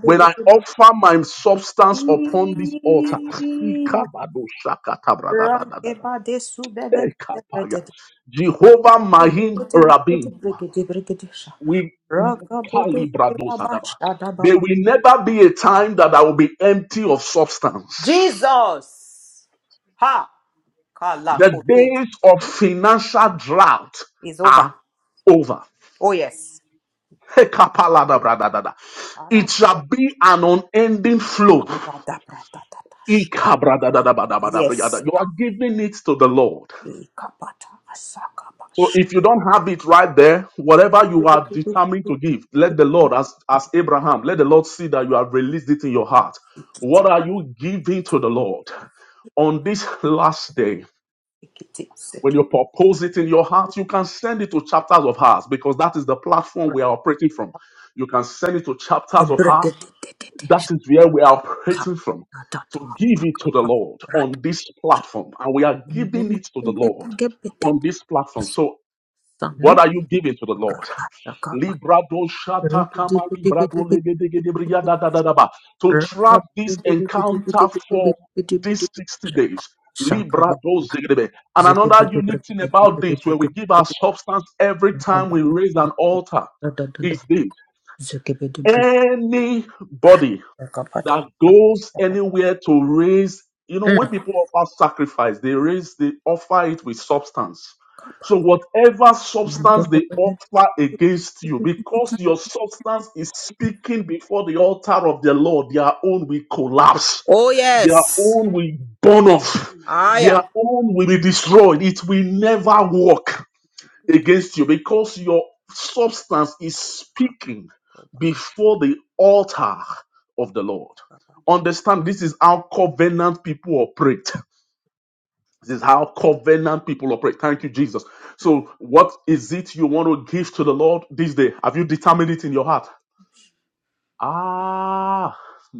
S2: When I offer my substance upon this altar, Ikabadoshakatabradadadadada. Ekapaya. Jehovah Mahim Rabim, we Kalibradozadaba. There will never be a time that I will be empty of substance.
S1: Ha!
S2: The
S1: Kalakote
S2: days of financial drought
S1: is over.
S2: are over.
S1: Oh, yes.
S2: Ekapaladabradadada. It shall
S1: Karabata,
S2: be an unending flow.
S1: Yes.
S2: Ikabradadadabadabriyada. You are giving it to the Lord.
S1: Ikapata,
S2: So
S1: asakabash.
S2: if you don't have it right there, whatever you are determined to give, let the Lord, as, as Abraham, let the Lord see that you have released it in your heart. What are you giving to the Lord? On this last day,
S1: Ikiti,
S2: when you propose it in your heart, you can send it to chapters of hearts because that is the platform we are operating from. You can send it to
S1: The
S2: chapters of heart That
S1: brigadish
S2: is where we are
S1: cup,
S2: operating from
S1: a dot
S2: to
S1: of
S2: give it to the
S1: cup,
S2: Lord
S1: rat,
S2: on this
S1: sun,
S2: platform. And we are giving it to the Lord on this platform. So, what are you giving to the Lord? [laughs]
S1: a cup,
S2: Librado shata kama librado legedegede briya da da da da ba. To trap this encounter for these 60 days. Librado zegedebe. And another unique thing about this, when we give our substance every time
S1: Sakaba,
S2: we raise an altar, is this. Anybody that goes anywhere to raise you know when people offer sacrifice they raise they offer it with substance so whatever substance they offer against you because your substance is speaking before the altar of the lord their own will collapse
S1: Oh
S2: their
S1: yes,
S2: own will burn off their
S1: Aya.
S2: own will be destroyed it will never work against you because your substance is speaking before the altar of the Lord. Understand this is how covenant people operate. This is how covenant people operate. Thank you, Jesus. So, what is it you want to give to the Lord this day? Have you determined it in your heart? Ah,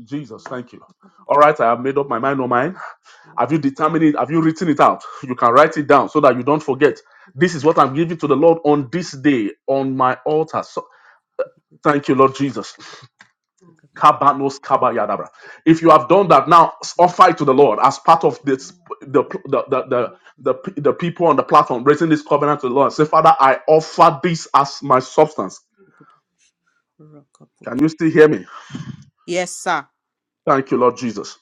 S2: Jesus, thank you. All right, I have made up my mind on mine. Have you determined it? Have you written it out? You can write it down so that you don't forget. This is what I'm giving to the Lord on this day on my altar. So, thank you, Lord Jesus. Kabanos kabayadabra. If you have done that, now offer it to the Lord as part of this the the the the, the, the people on the platform raising this covenant to the Lord. Say, Father, I offer this as my substance. Can you still hear me?
S1: Yes, sir.
S2: Thank you, Lord Jesus.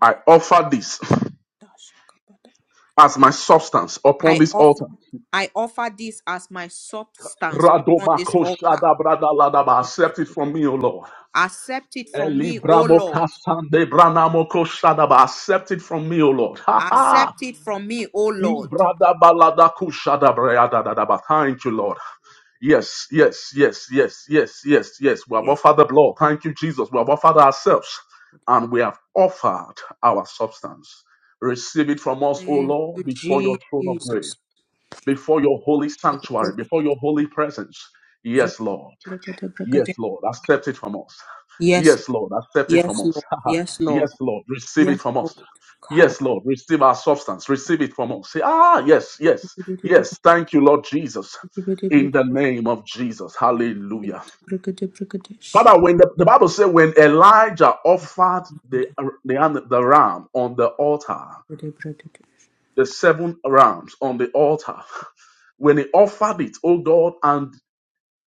S2: I offer this as my substance upon
S1: I
S2: this altar.
S1: offer I offer this as my substance upon this altar.
S2: Radomakoshada bradaladaba. Accept it from me, O Lord.
S1: Accept it from me, O
S2: Elibramo
S1: Lord.
S2: kasande branamo koshadaba. Accept it from me, O Lord. Ha ha.
S1: Accept it from me, O Lord.
S2: Ibradabalada kushadabrayadadadaba. Thank you, Lord. Yes, yes, yes, yes, yes, yes, yes. We have
S1: Yes.
S2: offered the blood. Thank you, Jesus. We have offered ourselves and we have offered our substance. Receive it from us, O
S1: Thank
S2: Lord, before
S1: you,
S2: your throne of grace,
S1: Jesus.
S2: before your holy sanctuary, before your holy presence. Yes, Lord. Yes, Lord, accept it from us.
S1: Yes,
S2: Yes, Lord, accept it from
S1: yes,
S2: us.
S1: Lord.
S2: [laughs]
S1: Yes,
S2: yes,
S1: Lord.
S2: Lord, receive it
S1: Yes,
S2: from us.
S1: Lord. God.
S2: Yes, Lord, receive our substance. Receive it from us. Say, ah, yes, yes, yes. Thank you, Lord Jesus. In the name of Jesus. Hallelujah. Father, when the, the Bible says, when Elijah offered the, the, the ram on the altar, the seven rams on the altar, when he offered it, oh God, and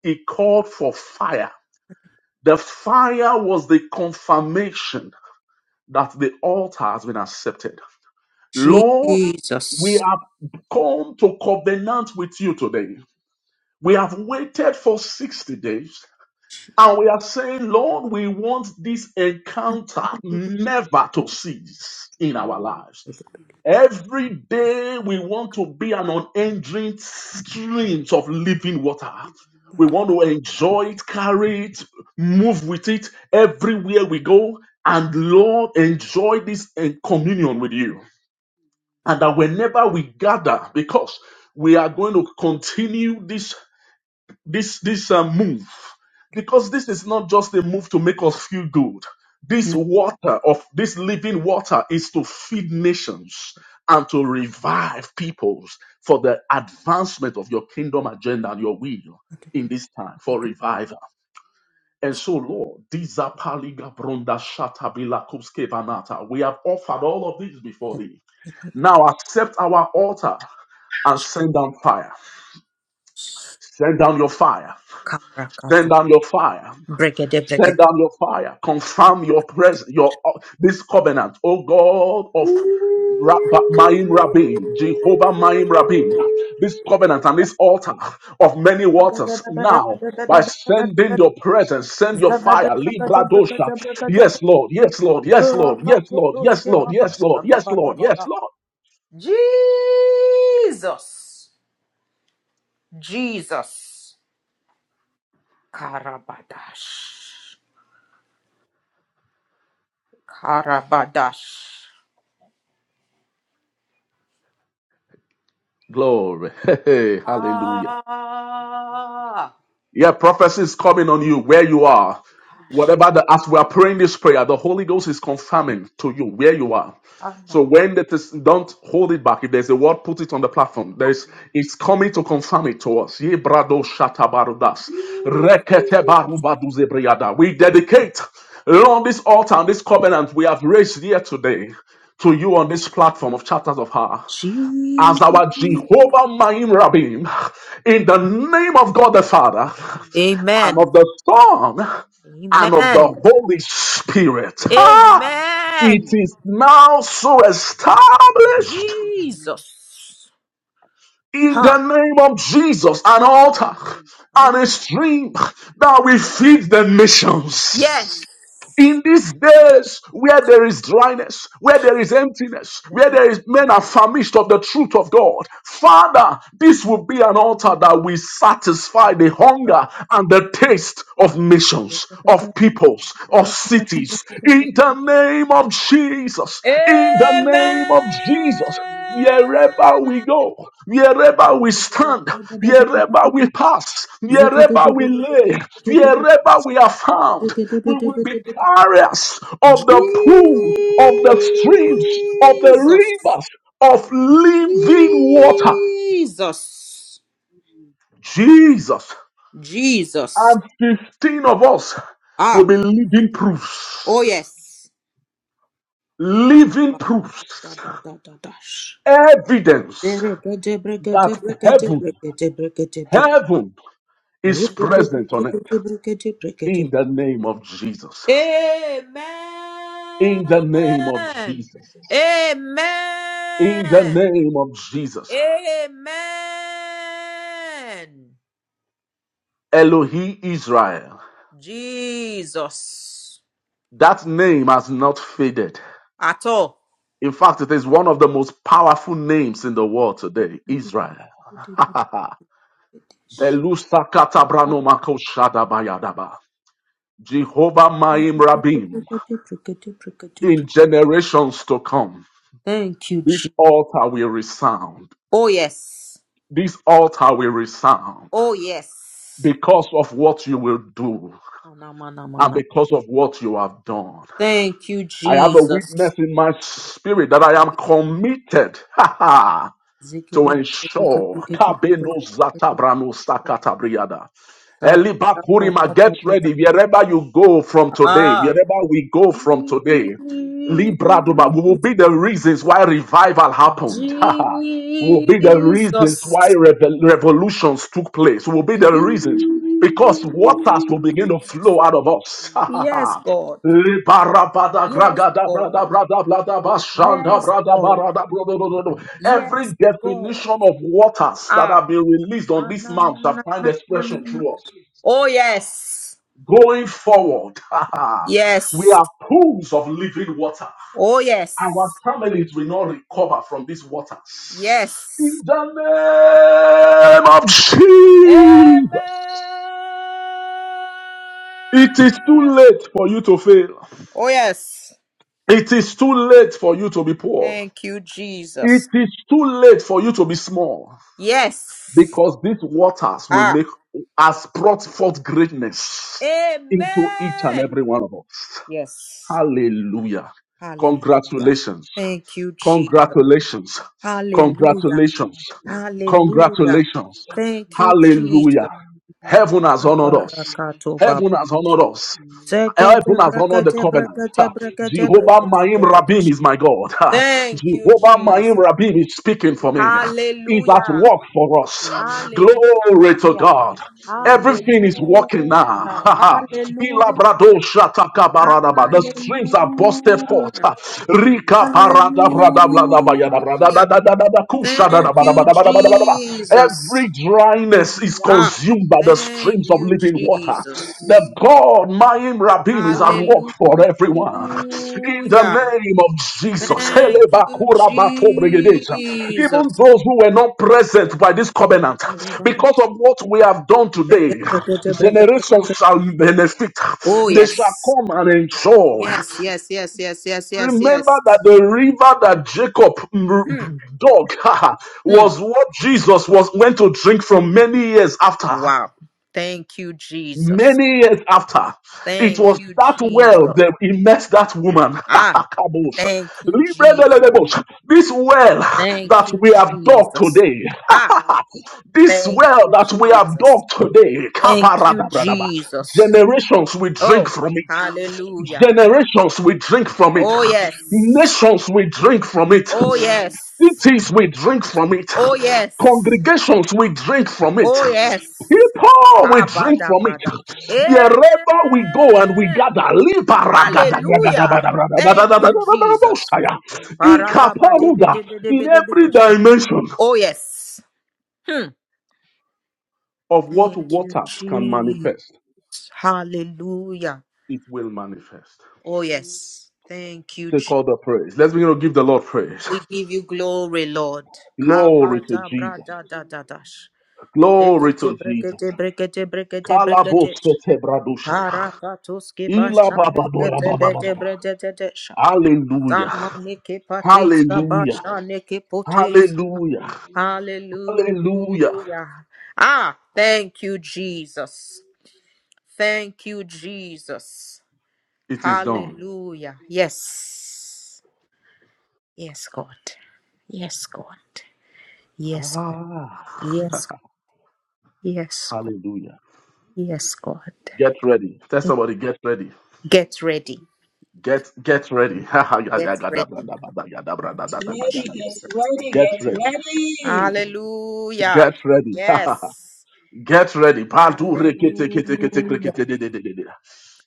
S2: he called for fire The fire was the confirmation that the altar has been accepted. Lord, we
S1: Jesus.
S2: have come to covenant with you today. We have waited for 60 days
S1: Jesus,
S2: and we are saying, Lord, we want this encounter never to cease in our lives. Every day we want to be an unending stream of living water. We want to enjoy it, carry it, move with it everywhere we go. And Lord, enjoy this eh, communion with you. And that whenever we gather, because we are going to continue this this this uh, move because this is not just a move to make us feel good this water of this living water is to feed nations and to revive peoples for the advancement of your kingdom agenda and your will in this time for revival and so lord these are paliga bronda shata bila kuske banata. we have offered all of these before thee now accept our altar and send down fire send down your fire send down your fire Send down your fire. Confirm your presence, your uh, this covenant. Oh God of Rabba, Maim Rabim, Jehovah Maim Rabim, this covenant and this altar of many waters now. By sending your presence, send your fire, Libra Dosha. Yes, Lord, yes, Lord, yes, Lord, yes, Lord, yes, Lord, yes, Lord, yes, Lord, yes, Lord.
S1: Jesus, Karabadash, Karabadash.
S2: Glory. [laughs] Hey, hallelujah.
S1: Ah,
S2: Yeah, prophecy is coming on you where you are. Whatever the as we are praying this prayer, the Holy Ghost is confirming to you where you are. So when that is, don't hold it back. If there's a word, put it on the platform. There's it's coming to confirm it to us. Ye brado shatabarudas. Rekete barubaduze briada. We dedicate Lord, this altar and this covenant we have raised here today to you on this platform of chapters of her as
S1: Jesus.
S2: our Jehovah Maim Rabim in the name of God the Father and
S1: Amen,
S2: of the Son and of
S1: Amen,
S2: the Holy Spirit. Ah,
S1: Amen,
S2: it is now so established
S1: Jesus.
S2: in
S1: ha.
S2: the name of Jesus, an altar
S1: I
S2: and a stream that will feed the
S1: Yes.
S2: nations in these days where there is dryness, where there is emptiness, where there is men are famished of the truth of God, Father, this will be an altar that will satisfy the hunger and the taste of nations, of peoples, of cities. In the name of Jesus, in the the name of Jesus, wherever we go, wherever we stand, wherever we
S1: Jesus.
S2: pass, wherever we lay, wherever we are found, we will be carriers of the pool, of the streams, of the rivers of living water.
S1: Jesus.
S2: Jesus.
S1: Jesus.
S2: And 15 of us will
S1: Ah.
S2: be living proofs,
S1: Oh yes.
S2: living proofs,
S1: Dash.
S2: evidence that heaven, heaven
S1: Amen.
S2: is present on it in the name of Jesus. In the name of
S1: Amen.
S2: Jesus. In the name of Jesus.
S1: Amen.
S2: Elohi Israel.
S1: Jesus.
S2: That name has not faded.
S1: At all.
S2: In fact, it is one of the most powerful names in the world today, Israel.
S1: Thank
S2: [laughs] Belusa katabrano mako shadabayadaba. Jehovah Maim Rabim. In generations to come,
S1: you,
S2: this
S1: Jesus.
S2: altar will resound.
S1: Oh, yes.
S2: This altar will resound.
S1: Oh, yes.
S2: because of what you will do
S1: Mana, mana,
S2: and
S1: mana.
S2: because of what you have done.
S1: Thank you,
S2: I have a
S1: Jesus.
S2: witness in my spirit that I am committed [laughs] to ensure Kabeno Zatabrano Sakatabriada.
S1: Ah,
S2: Elibakurima, get ready wherever you go from today, wherever we go from today. Libraduba, we will
S1: Jesus,
S2: be the reasons why revival happened. [laughs] We will be the reasons
S1: Jesus,
S2: why revel- revolutions took place. We will be the reasons because waters will begin to
S1: Jesus.
S2: flow out of us. [laughs]
S1: Yes, God.
S2: Every
S1: Yes, God. Yes, God. Yes,
S2: definition
S1: God.
S2: of waters that
S1: Ah,
S2: have been released on
S1: na,
S2: this
S1: na,
S2: mount shall
S1: na,
S2: find
S1: na, na, na, na.
S2: expression
S1: na.
S2: through us.
S1: Oh, yes.
S2: Going forward, [laughs] we
S1: Yes.
S2: are pools of living water.
S1: Oh,
S2: Our
S1: yes.
S2: families will not recover from these waters. In
S1: Yes.
S2: the name of Jesus,
S1: Amen.
S2: it is too late for you to fail.
S1: Oh, yes.
S2: It is too late for you to be poor.
S1: Yes.
S2: It is too late for you to be small
S1: Yes.
S2: because these waters will
S1: Ah,
S2: make us brought forth greatness into each and every
S1: Amen.
S2: one of us.
S1: yes.
S2: Hallelujah.
S1: Hallelujah.
S2: Congratulations.
S1: Thank you, Jesus.
S2: Congratulations.
S1: Hallelujah.
S2: Congratulations.
S1: Hallelujah.
S2: Congratulations.
S1: Thank you,
S2: Hallelujah.
S1: Jesus.
S2: Heaven has honored us.
S1: Abarakato baba.
S2: Heaven has honored us.
S1: Zegede
S2: Heaven has honored the
S1: bregede
S2: covenant. Ha.
S1: bregede bregede
S2: Jehovah
S1: bregede
S2: Maim Rabim is my God. Ha.
S1: Thank you,
S2: Jehovah Maim
S1: Jesus.
S2: Rabim is speaking for me. Is at
S1: Hallelujah.
S2: work for us. Glory to
S1: Hallelujah.
S2: God. Everything is working now.
S1: Hallelujah.
S2: Ha, ha.
S1: Hallelujah.
S2: Ilabrado shatakabaradaba. The streams are busted forth.
S1: Hallelujah.
S2: Ha. Rika
S1: Hallelujah. Thank you,
S2: Every
S1: Jesus.
S2: dryness is
S1: Ah,
S2: consumed by the
S1: thank
S2: streams of
S1: you,
S2: living water. The
S1: Jesus.
S2: God, Maim Rabim, is at work
S1: Hallelujah.
S2: for everyone. In the name of Jesus.
S1: Thank you, Jesus.
S2: Even those who were not present by this covenant, because of what we have done today,
S1: Oh,
S2: generations shall benefit. They
S1: yes,
S2: shall come and enjoy.
S1: yes, yes, yes, yes, yes, yes,
S2: Remember
S1: yes.
S2: that the river that Jacob mm, dug [laughs]
S1: Hmm.
S2: was what Jesus was went to drink from many years after.
S1: Wow. Thank you, Jesus.
S2: Many years after, it
S1: Thank
S2: was
S1: you,
S2: that well
S1: Jesus.
S2: that he met that woman. [laughs]
S1: Ah,
S2: Kabosha.
S1: thank you, Jesus.
S2: Libredelebosha. this well [laughs]
S1: Thank
S2: that
S1: you,
S2: we have dug
S1: Jesus.
S2: today,
S1: Ah,
S2: this
S1: thank
S2: well
S1: you,
S2: that we have
S1: Jesus.
S2: dug today,
S1: Thank you,
S2: kabaradabradaba.
S1: Jesus.
S2: generations will drink
S1: Oh,
S2: from it.
S1: hallelujah. Oh, yes. Oh, yes. Oh, yes. Oh, yes. Kabada, brother. Amen. Hallelujah. Thank you, Jesus. Paragabadebedebedebedebede. Oh, yes. Thank you, Jesus. Hallelujah. Oh, yes. Thank you, Jesus. We give you glory, Lord. Kabada, brother, da, da, dash.
S2: Glory
S1: Ekete
S2: to Jesus.
S1: brekete brekete brekete
S2: Kalabo
S1: brekete.
S2: sete bradushaya.
S1: Karakatuski
S2: Ila
S1: bashane
S2: baba dora
S1: kete
S2: baba baba.
S1: bede brekete sha.
S2: Hallelujah.
S1: Samaniki patiska
S2: Hallelujah.
S1: bashaniki putis.
S2: Hallelujah. Hallelujah.
S1: Hallelujah. Ah, thank you, Jesus. Thank you, Jesus.
S2: It is done.
S1: Hallelujah. Yes. Yes, God. Yes, God. Yes, God.
S2: Ah, [laughs]
S1: Yes, God. Yes, God.
S2: hallelujah.
S1: Yes, God.
S2: Get ready. Tell somebody, get ready.
S1: Get ready.
S2: Get get ready. [laughs] get
S1: Get ready.
S3: ready,
S1: Jesus.
S3: get ready, get
S2: ready.
S3: ready.
S1: Hallelujah.
S2: Get ready.
S1: Yes.
S2: [laughs] get ready.
S1: Hallelujah.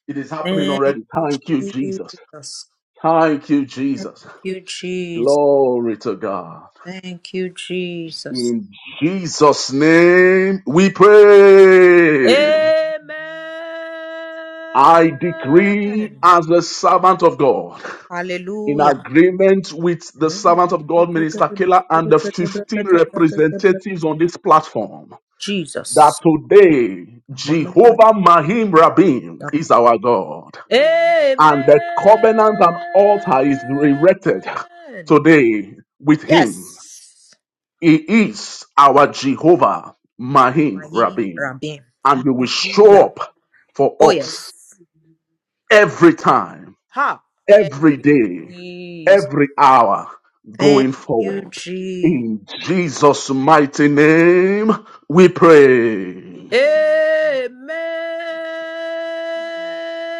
S2: It is happening
S1: Thank
S2: already.
S1: you,
S2: Thank you, Jesus.
S1: Jesus.
S2: Thank you,
S1: Thank
S2: Jesus.
S1: you, Jesus.
S2: Glory to God.
S1: Thank you, Jesus.
S2: In Jesus' name we pray. I decree
S1: Amen.
S2: as the servant of God, in
S1: Hallelujah.
S2: agreement with the
S1: Amen.
S2: servant of God, Minister Keller, and the 15 representatives on this platform, that
S1: Jesus.
S2: today
S1: Amen.
S2: Jehovah Mahim Rabim is our God, and the covenant and altar is erected today with him
S1: Yes.
S2: He is our Jehovah,
S1: My
S2: Mahim Rabim,
S1: Rabim.
S2: and He will show
S1: Hallelujah.
S2: up for
S1: Oh,
S2: us
S1: yes.
S2: every time,
S1: Ha. Thank
S2: every
S1: you,
S2: day,
S1: Jesus.
S2: every hour
S1: Thank
S2: going
S1: you,
S2: forward.
S1: Jesus.
S2: In Jesus' mighty name, we pray.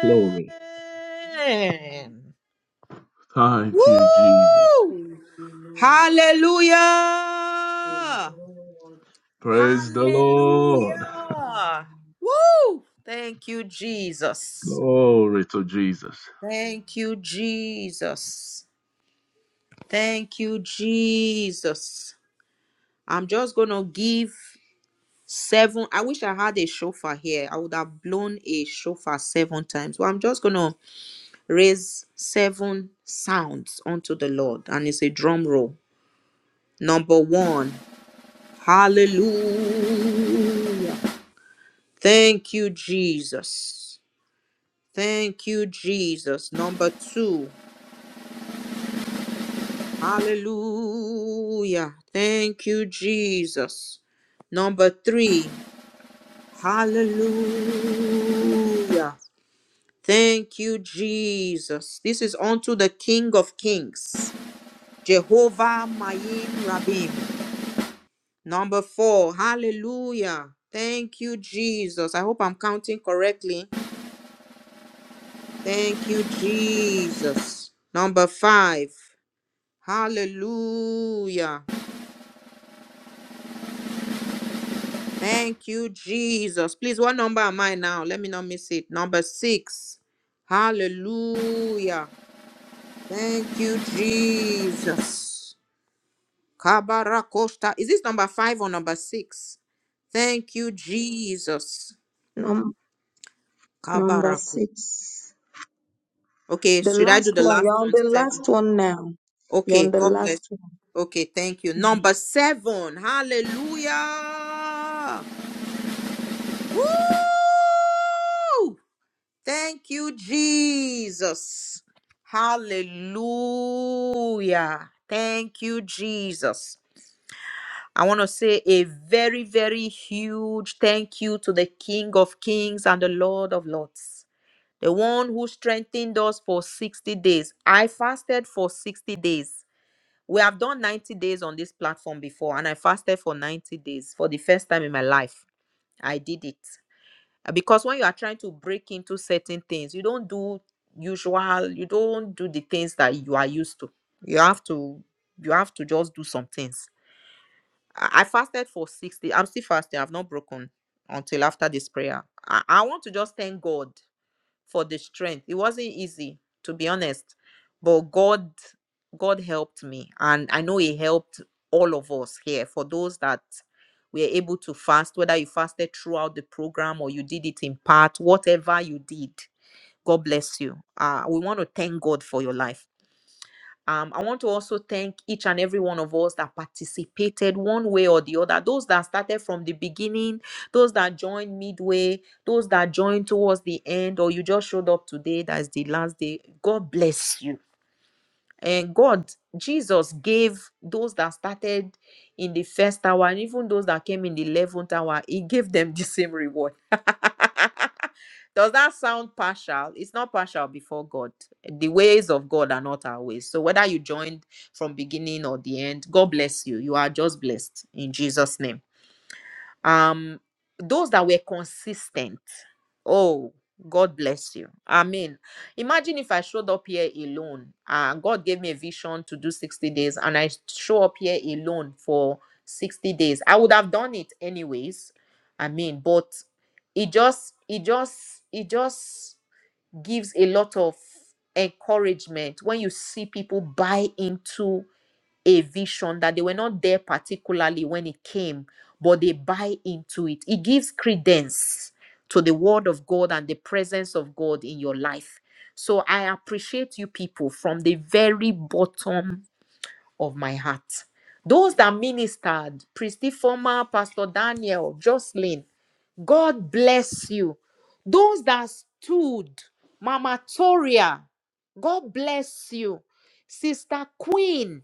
S2: Glory. Thank you, Jesus.
S1: Woo! Hallelujah.
S2: Praise the Lord.
S1: Hallelujah. Woo! Thank you, Jesus.
S2: Glory to Jesus.
S1: Thank you, Jesus. Thank you, Jesus. I'm just gonna give seven. I wish I had a shofar here. I would have blown a shofar seven times. But I'm just gonna raise seven sounds unto the Lord, and it's a drum roll. Number one, hallelujah. Thank you, Jesus. Thank you, Jesus. Number two, hallelujah. Thank you, Jesus. Number three, Hallelujah. Thank you, Jesus. This is unto the King of Kings, Jehovah Mayim Rabim. Number four. Hallelujah. Thank you, Jesus. I hope I'm counting correctly. Thank you, Jesus. Number five. Hallelujah. Thank you, Jesus. Please, what number am I now? Let me not miss it. Number six. Hallelujah. Thank you, Jesus. Kabarakosta. Is this number five or number six? Thank you, Jesus.
S3: Num- number
S1: Kabarako.
S3: six.
S1: Okay,
S3: The
S1: should I do
S3: last
S1: the
S3: one.
S1: last
S3: You're on
S1: one?
S3: the
S1: Seven.
S3: last one now. You're on
S1: Okay,
S3: the
S1: God bless.
S3: last one.
S1: Okay, thank you. Number seven. Hallelujah. Thank you, Jesus. Hallelujah. Thank you, Jesus. I want to say a very, very huge thank you to the King of Kings and the Lord of Lords, the one who strengthened us for 60 days. I fasted for 60 days. We have done 90 days on this platform before, and I fasted for 90 days for the first time in my life. I did it. Uh, Because when you are trying to break into certain things, you don't do usual, you don't do the things that you are used to. You have to you have to just do some things I I fasted for 60. I'm still fasting. I've not broken until after this prayer. I, I want to just thank God for the strength. It wasn't easy, to be honest. But God, God helped me. And I know He helped all of us here. For those that were able to fast, whether you fasted throughout the program or you did it in part, whatever you did, God bless you. Uh, we want to thank God for your life. Um, I want to also thank each and every one of us that participated one way or the other. Those that started from the beginning, those that joined midway, those that joined towards the end, or you just showed up today, that's the last day. God bless you. And God, Jesus gave those that started in the first hour and even those that came in the 11th hour, He gave them the same reward does that sound partial? It's not partial before God. The ways of God are not our ways. So whether you joined from beginning or the end, God bless you. You are just blessed in Jesus' name um those that were consistent oh god bless you i mean imagine if i showed up here alone uh god gave me a vision to do 60 days and i show up here alone for 60 days i would have done it anyways i mean but it just it just it just gives a lot of encouragement when you see people buy into a vision that they were not there particularly when it came, but they buy into it. It gives credence to the word of God and the presence of God in your life. So I appreciate you people from the very bottom of my heart. Those that ministered, Priesty Former, Pastor Daniel, Jocelyn, God bless you. Those that stood, Mama Toria, God bless you. Sister Queen,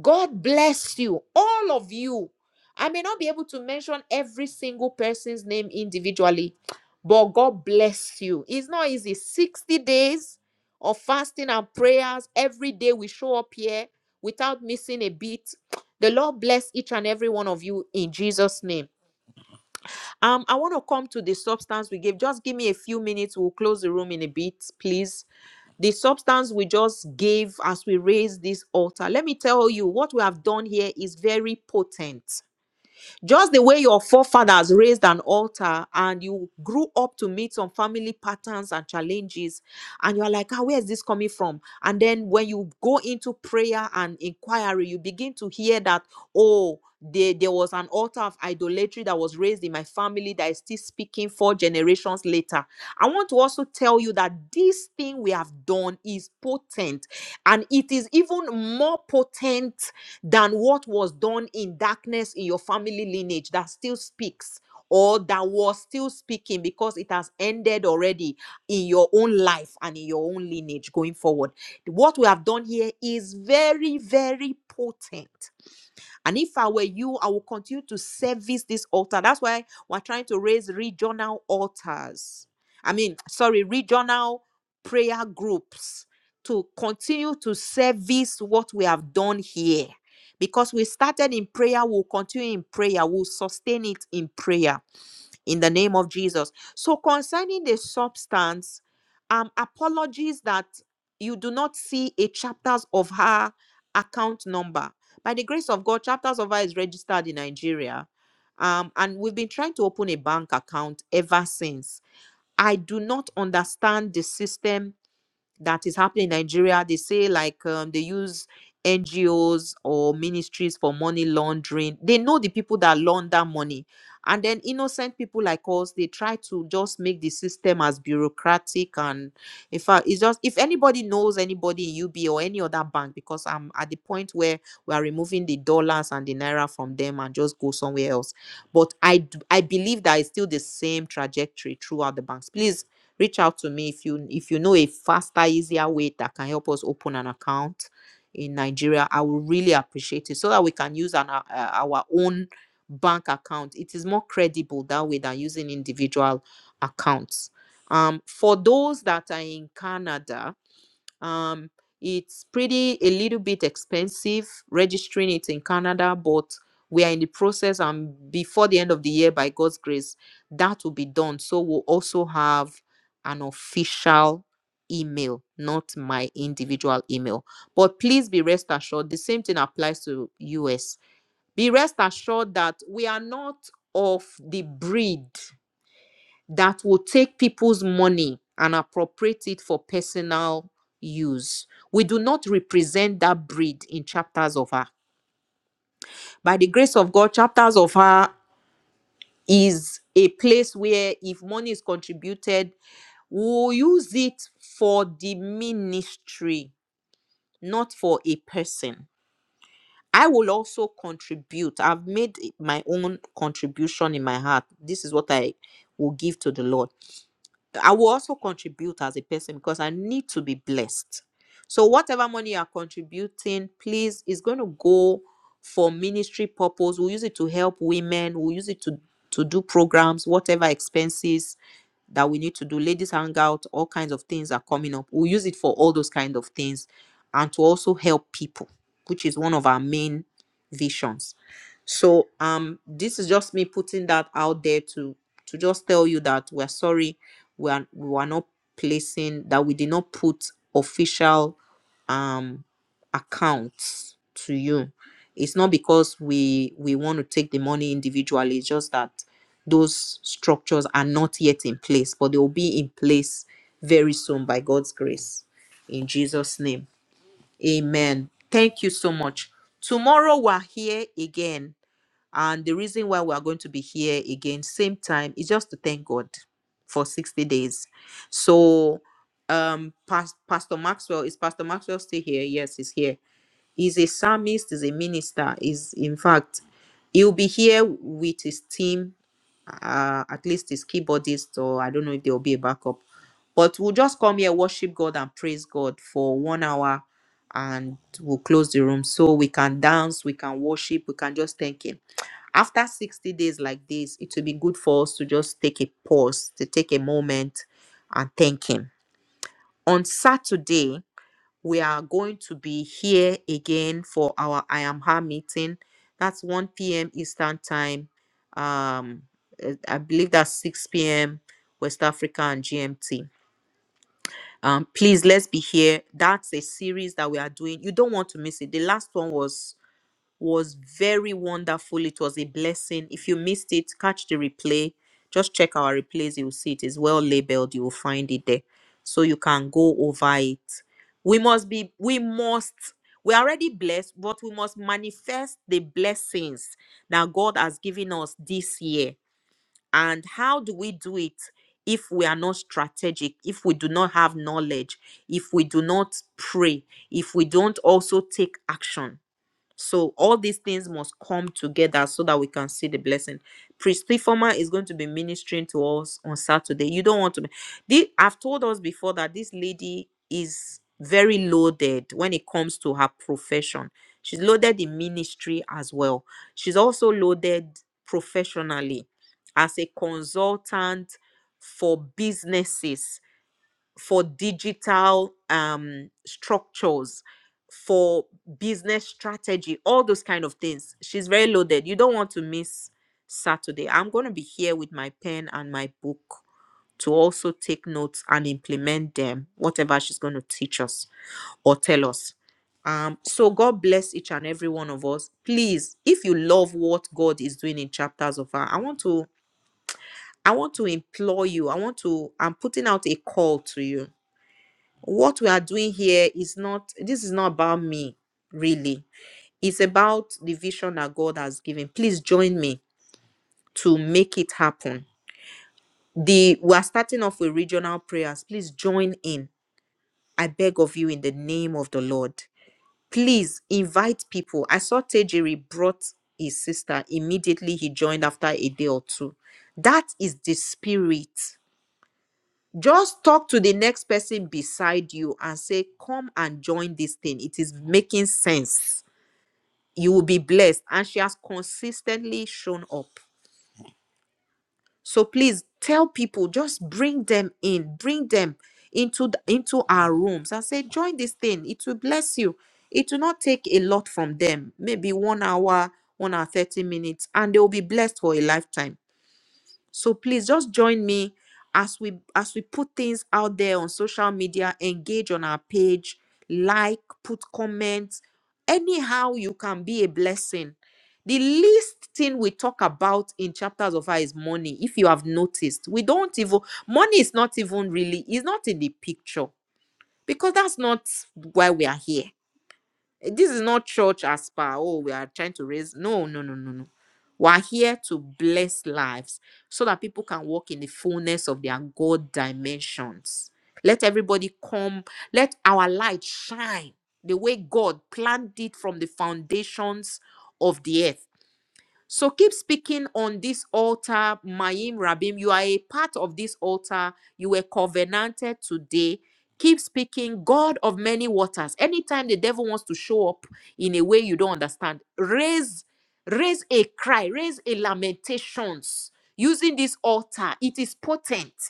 S1: God bless you. All of you. I may not be able to mention every single person's name individually, but God bless you. It's not easy. 60 days of fasting and prayers. Every day we show up here without missing a beat. The Lord bless each and every one of you in Jesus' name. Um, I want to come to the substance we gave. Just give me a few minutes. We'll close the room in a bit, please. The substance we just gave as we raised this altar. Let me tell you, what we have done here is very potent. Just the way your forefathers raised an altar and you grew up to meet some family patterns and challenges, and you're like, ah, where is this coming from? And then when you go into prayer and inquiry, you begin to hear that, oh, there, there was an altar of idolatry that was raised in my family that is still speaking four generations later. I want to also tell you that this thing we have done is potent and it is even more potent than what was done in darkness in your family lineage that still speaks or that was still speaking because it has ended already in your own life and in your own lineage going forward. What we have done here is very, very potent and if I were you, I will continue to service this altar. That's why we're trying to raise regional altars. I mean, sorry, regional prayer groups to continue to service what we have done here. Because we started in prayer, we'll continue in prayer, we'll sustain it in prayer in the name of Jesus. So, concerning the substance, um, apologies that you do not see a chapters of her account number. By the grace of God, chapters of her is registered in Nigeria. Um, and we've been trying to open a bank account ever since. I do not understand the system that is happening in Nigeria. They say like um, they use NGOs or ministries for money laundering. They know the people that launder money. And then innocent people like us, they try to just make the system as bureaucratic and in fact, it's just if anybody knows anybody in UB or any other bank, because I'm at the point where we are removing the dollars and the naira from them and just go somewhere else. But I d- I believe that it's still the same trajectory throughout the banks. Please reach out to me if you if you know a faster easier way that can help us open an account in nigeria i will really appreciate it so that we can use an, uh, uh, our own bank account it is more credible that way than using individual accounts um for those that are in canada um, it's pretty a little bit expensive registering it in Canada, but we are in the process, and before the end of the year, by God's grace, that will be done. So we'll also have an official email, not my individual email. But please be rest assured, the same thing applies to US. Be rest assured that we are not of the breed that will take people's money and appropriate it for personal use. We do not represent that breed in chapters of her. By the grace of God, chapters of her is a place where if money is contributed, we'll use it for the ministry, not for a person. I will also contribute. I've made my own contribution in my heart. This is what I will give to the Lord. I will also contribute as a person because I need to be blessed. So whatever money you are contributing, please, is going to go for ministry purpose. We'll use it to help women. We'll use it to to do programs, whatever expenses that we need to do ladies hangout all kinds of things are coming up we'll use it for all those kind of things and to also help people which is one of our main visions so um this is just me putting that out there to to just tell you that we're sorry we are we were not placing that we did not put official um accounts to you it's not because we we want to take the money individually it's just that those structures are not yet in place, but they will be in place very soon by God's grace. In Jesus' name, amen. Thank you so much. Tomorrow we're here again. And the reason why we're going to be here again, same time, is just to thank God for 60 days. So, um, Pas- Pastor Maxwell, is Pastor Maxwell still here? Yes, he's here. He's a psalmist, he's a minister, he's in fact, he'll be here with his team uh, at least his keyboardist, or I don't know if there will be a backup. But we'll just come here, worship God, and praise God for one hour, and we'll close the room so we can dance, we can worship, we can just thank Him. After 60 days like this, it will be good for us to just take a pause, to take a moment and thank Him. On Saturday, we are going to be here again for our I am her meeting. That's 1 p.m. Eastern time. Um, eh, I believe that's 6 p.m. West Africa and GMT. Um, please let's be here. That's a series that we are doing. You don't want to miss it. The last one was was very wonderful. It was a blessing. If you missed it, catch the replay. Just check our replays. You'll see it is well labeled. You will find it there. So you can go over it. We must be, we must, we are already blessed, but we must manifest the blessings that God has given us this year. And how do we do it if we are not strategic, if we do not have knowledge, if we do not pray, if we don't also take action? So all these things must come together so that we can see the blessing. Priest Former is going to be ministering to us on Saturday. You don't want to. be- The, I've told us before that this lady is very loaded when it comes to her profession. She's loaded in ministry as well. She's also loaded professionally as a consultant for businesses for digital um, structures for business strategy all those kind of things she's very loaded you don't want to miss saturday i'm going to be here with my pen and my book to also take notes and implement them whatever she's going to teach us or tell us um so god bless each and every one of us please if you love what god is doing in chapters of her i want to i want to implore you i want to i'm putting out a call to you what we are doing here is not this is not about me really it's about the vision that god has given please join me to make it happen the we are starting off with regional prayers please join in i beg of you in the name of the lord please invite people i saw tejiri brought his sister immediately he joined after a day or two that is the spirit just talk to the next person beside you and say come and join this thing it is making sense you will be blessed and she has consistently shown up so please tell people just bring them in bring them into the, into our rooms and say join this thing it will bless you it will not take a lot from them maybe one hour one hour 30 minutes and they will be blessed for a lifetime So please just join me as we as we put things out there on social media, engage on our page, like, put comments, anyhow you can be a blessing. The least thing we talk about in chapters of her is money. If you have noticed, we don't even money is not even really is not in the picture because that's not why we are here Eh, This is not church as per, oh, we are trying to raise. No, no, no, no, no. We're here to bless lives so that people can walk in the fullness of their God dimensions. Let everybody come, let our light shine the way God planned it from the foundations of the earth so keep speaking on this altar, Mayim Rabim. You are a part of this altar. You were covenanted today. Keep speaking, God of many waters. Anytime the devil wants to show up in a way you don't understand, raise, raise a cry, raise a lamentations using this altar. It is potent.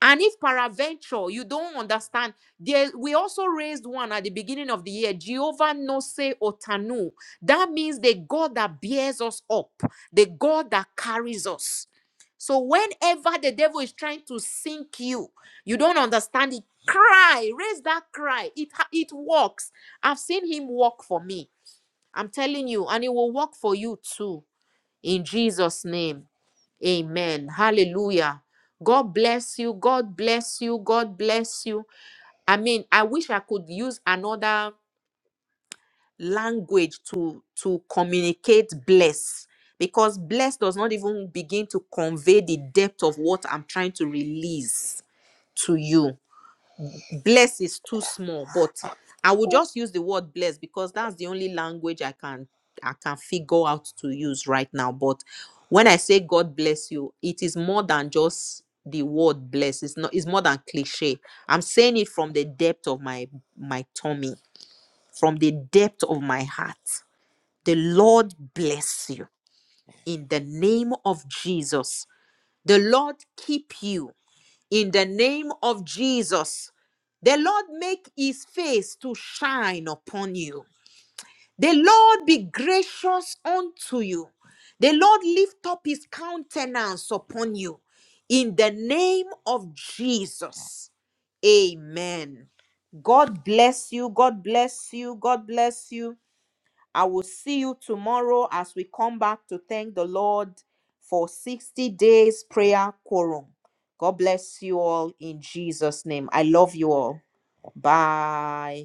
S1: And if paraventure, you don't understand, there, we also raised one at the beginning of the year, Jehovah Nose Otanu. That means the God that bears us up, the God that carries us. So whenever the devil is trying to sink you, you don't understand it. Cry, raise that cry. It ha- it works. I've seen him work for me. I'm telling you, and it will work for you too. In Jesus' name. Amen. Hallelujah. God bless you. God bless you. God bless you. I mean, I wish I could use another language to to communicate bless because bless does not even begin to convey the depth of what I'm trying to release to you bless is too small but i will just use the word bless because that's the only language i can i can figure out to use right now but when i say god bless you it is more than just the word bless it's not it's more than cliche i'm saying it from the depth of my my tummy from the depth of my heart the lord bless you in the name of jesus the lord keep you in the name of Jesus. The Lord make his face to shine upon you. The Lord be gracious unto you. The Lord lift up his countenance upon you in the name of Jesus. Amen. God bless you. God bless you. God bless you. I will see you tomorrow as we come back to thank the Lord for 60 days prayer quorum. God bless you all in Jesus' name. I love you all. Bye.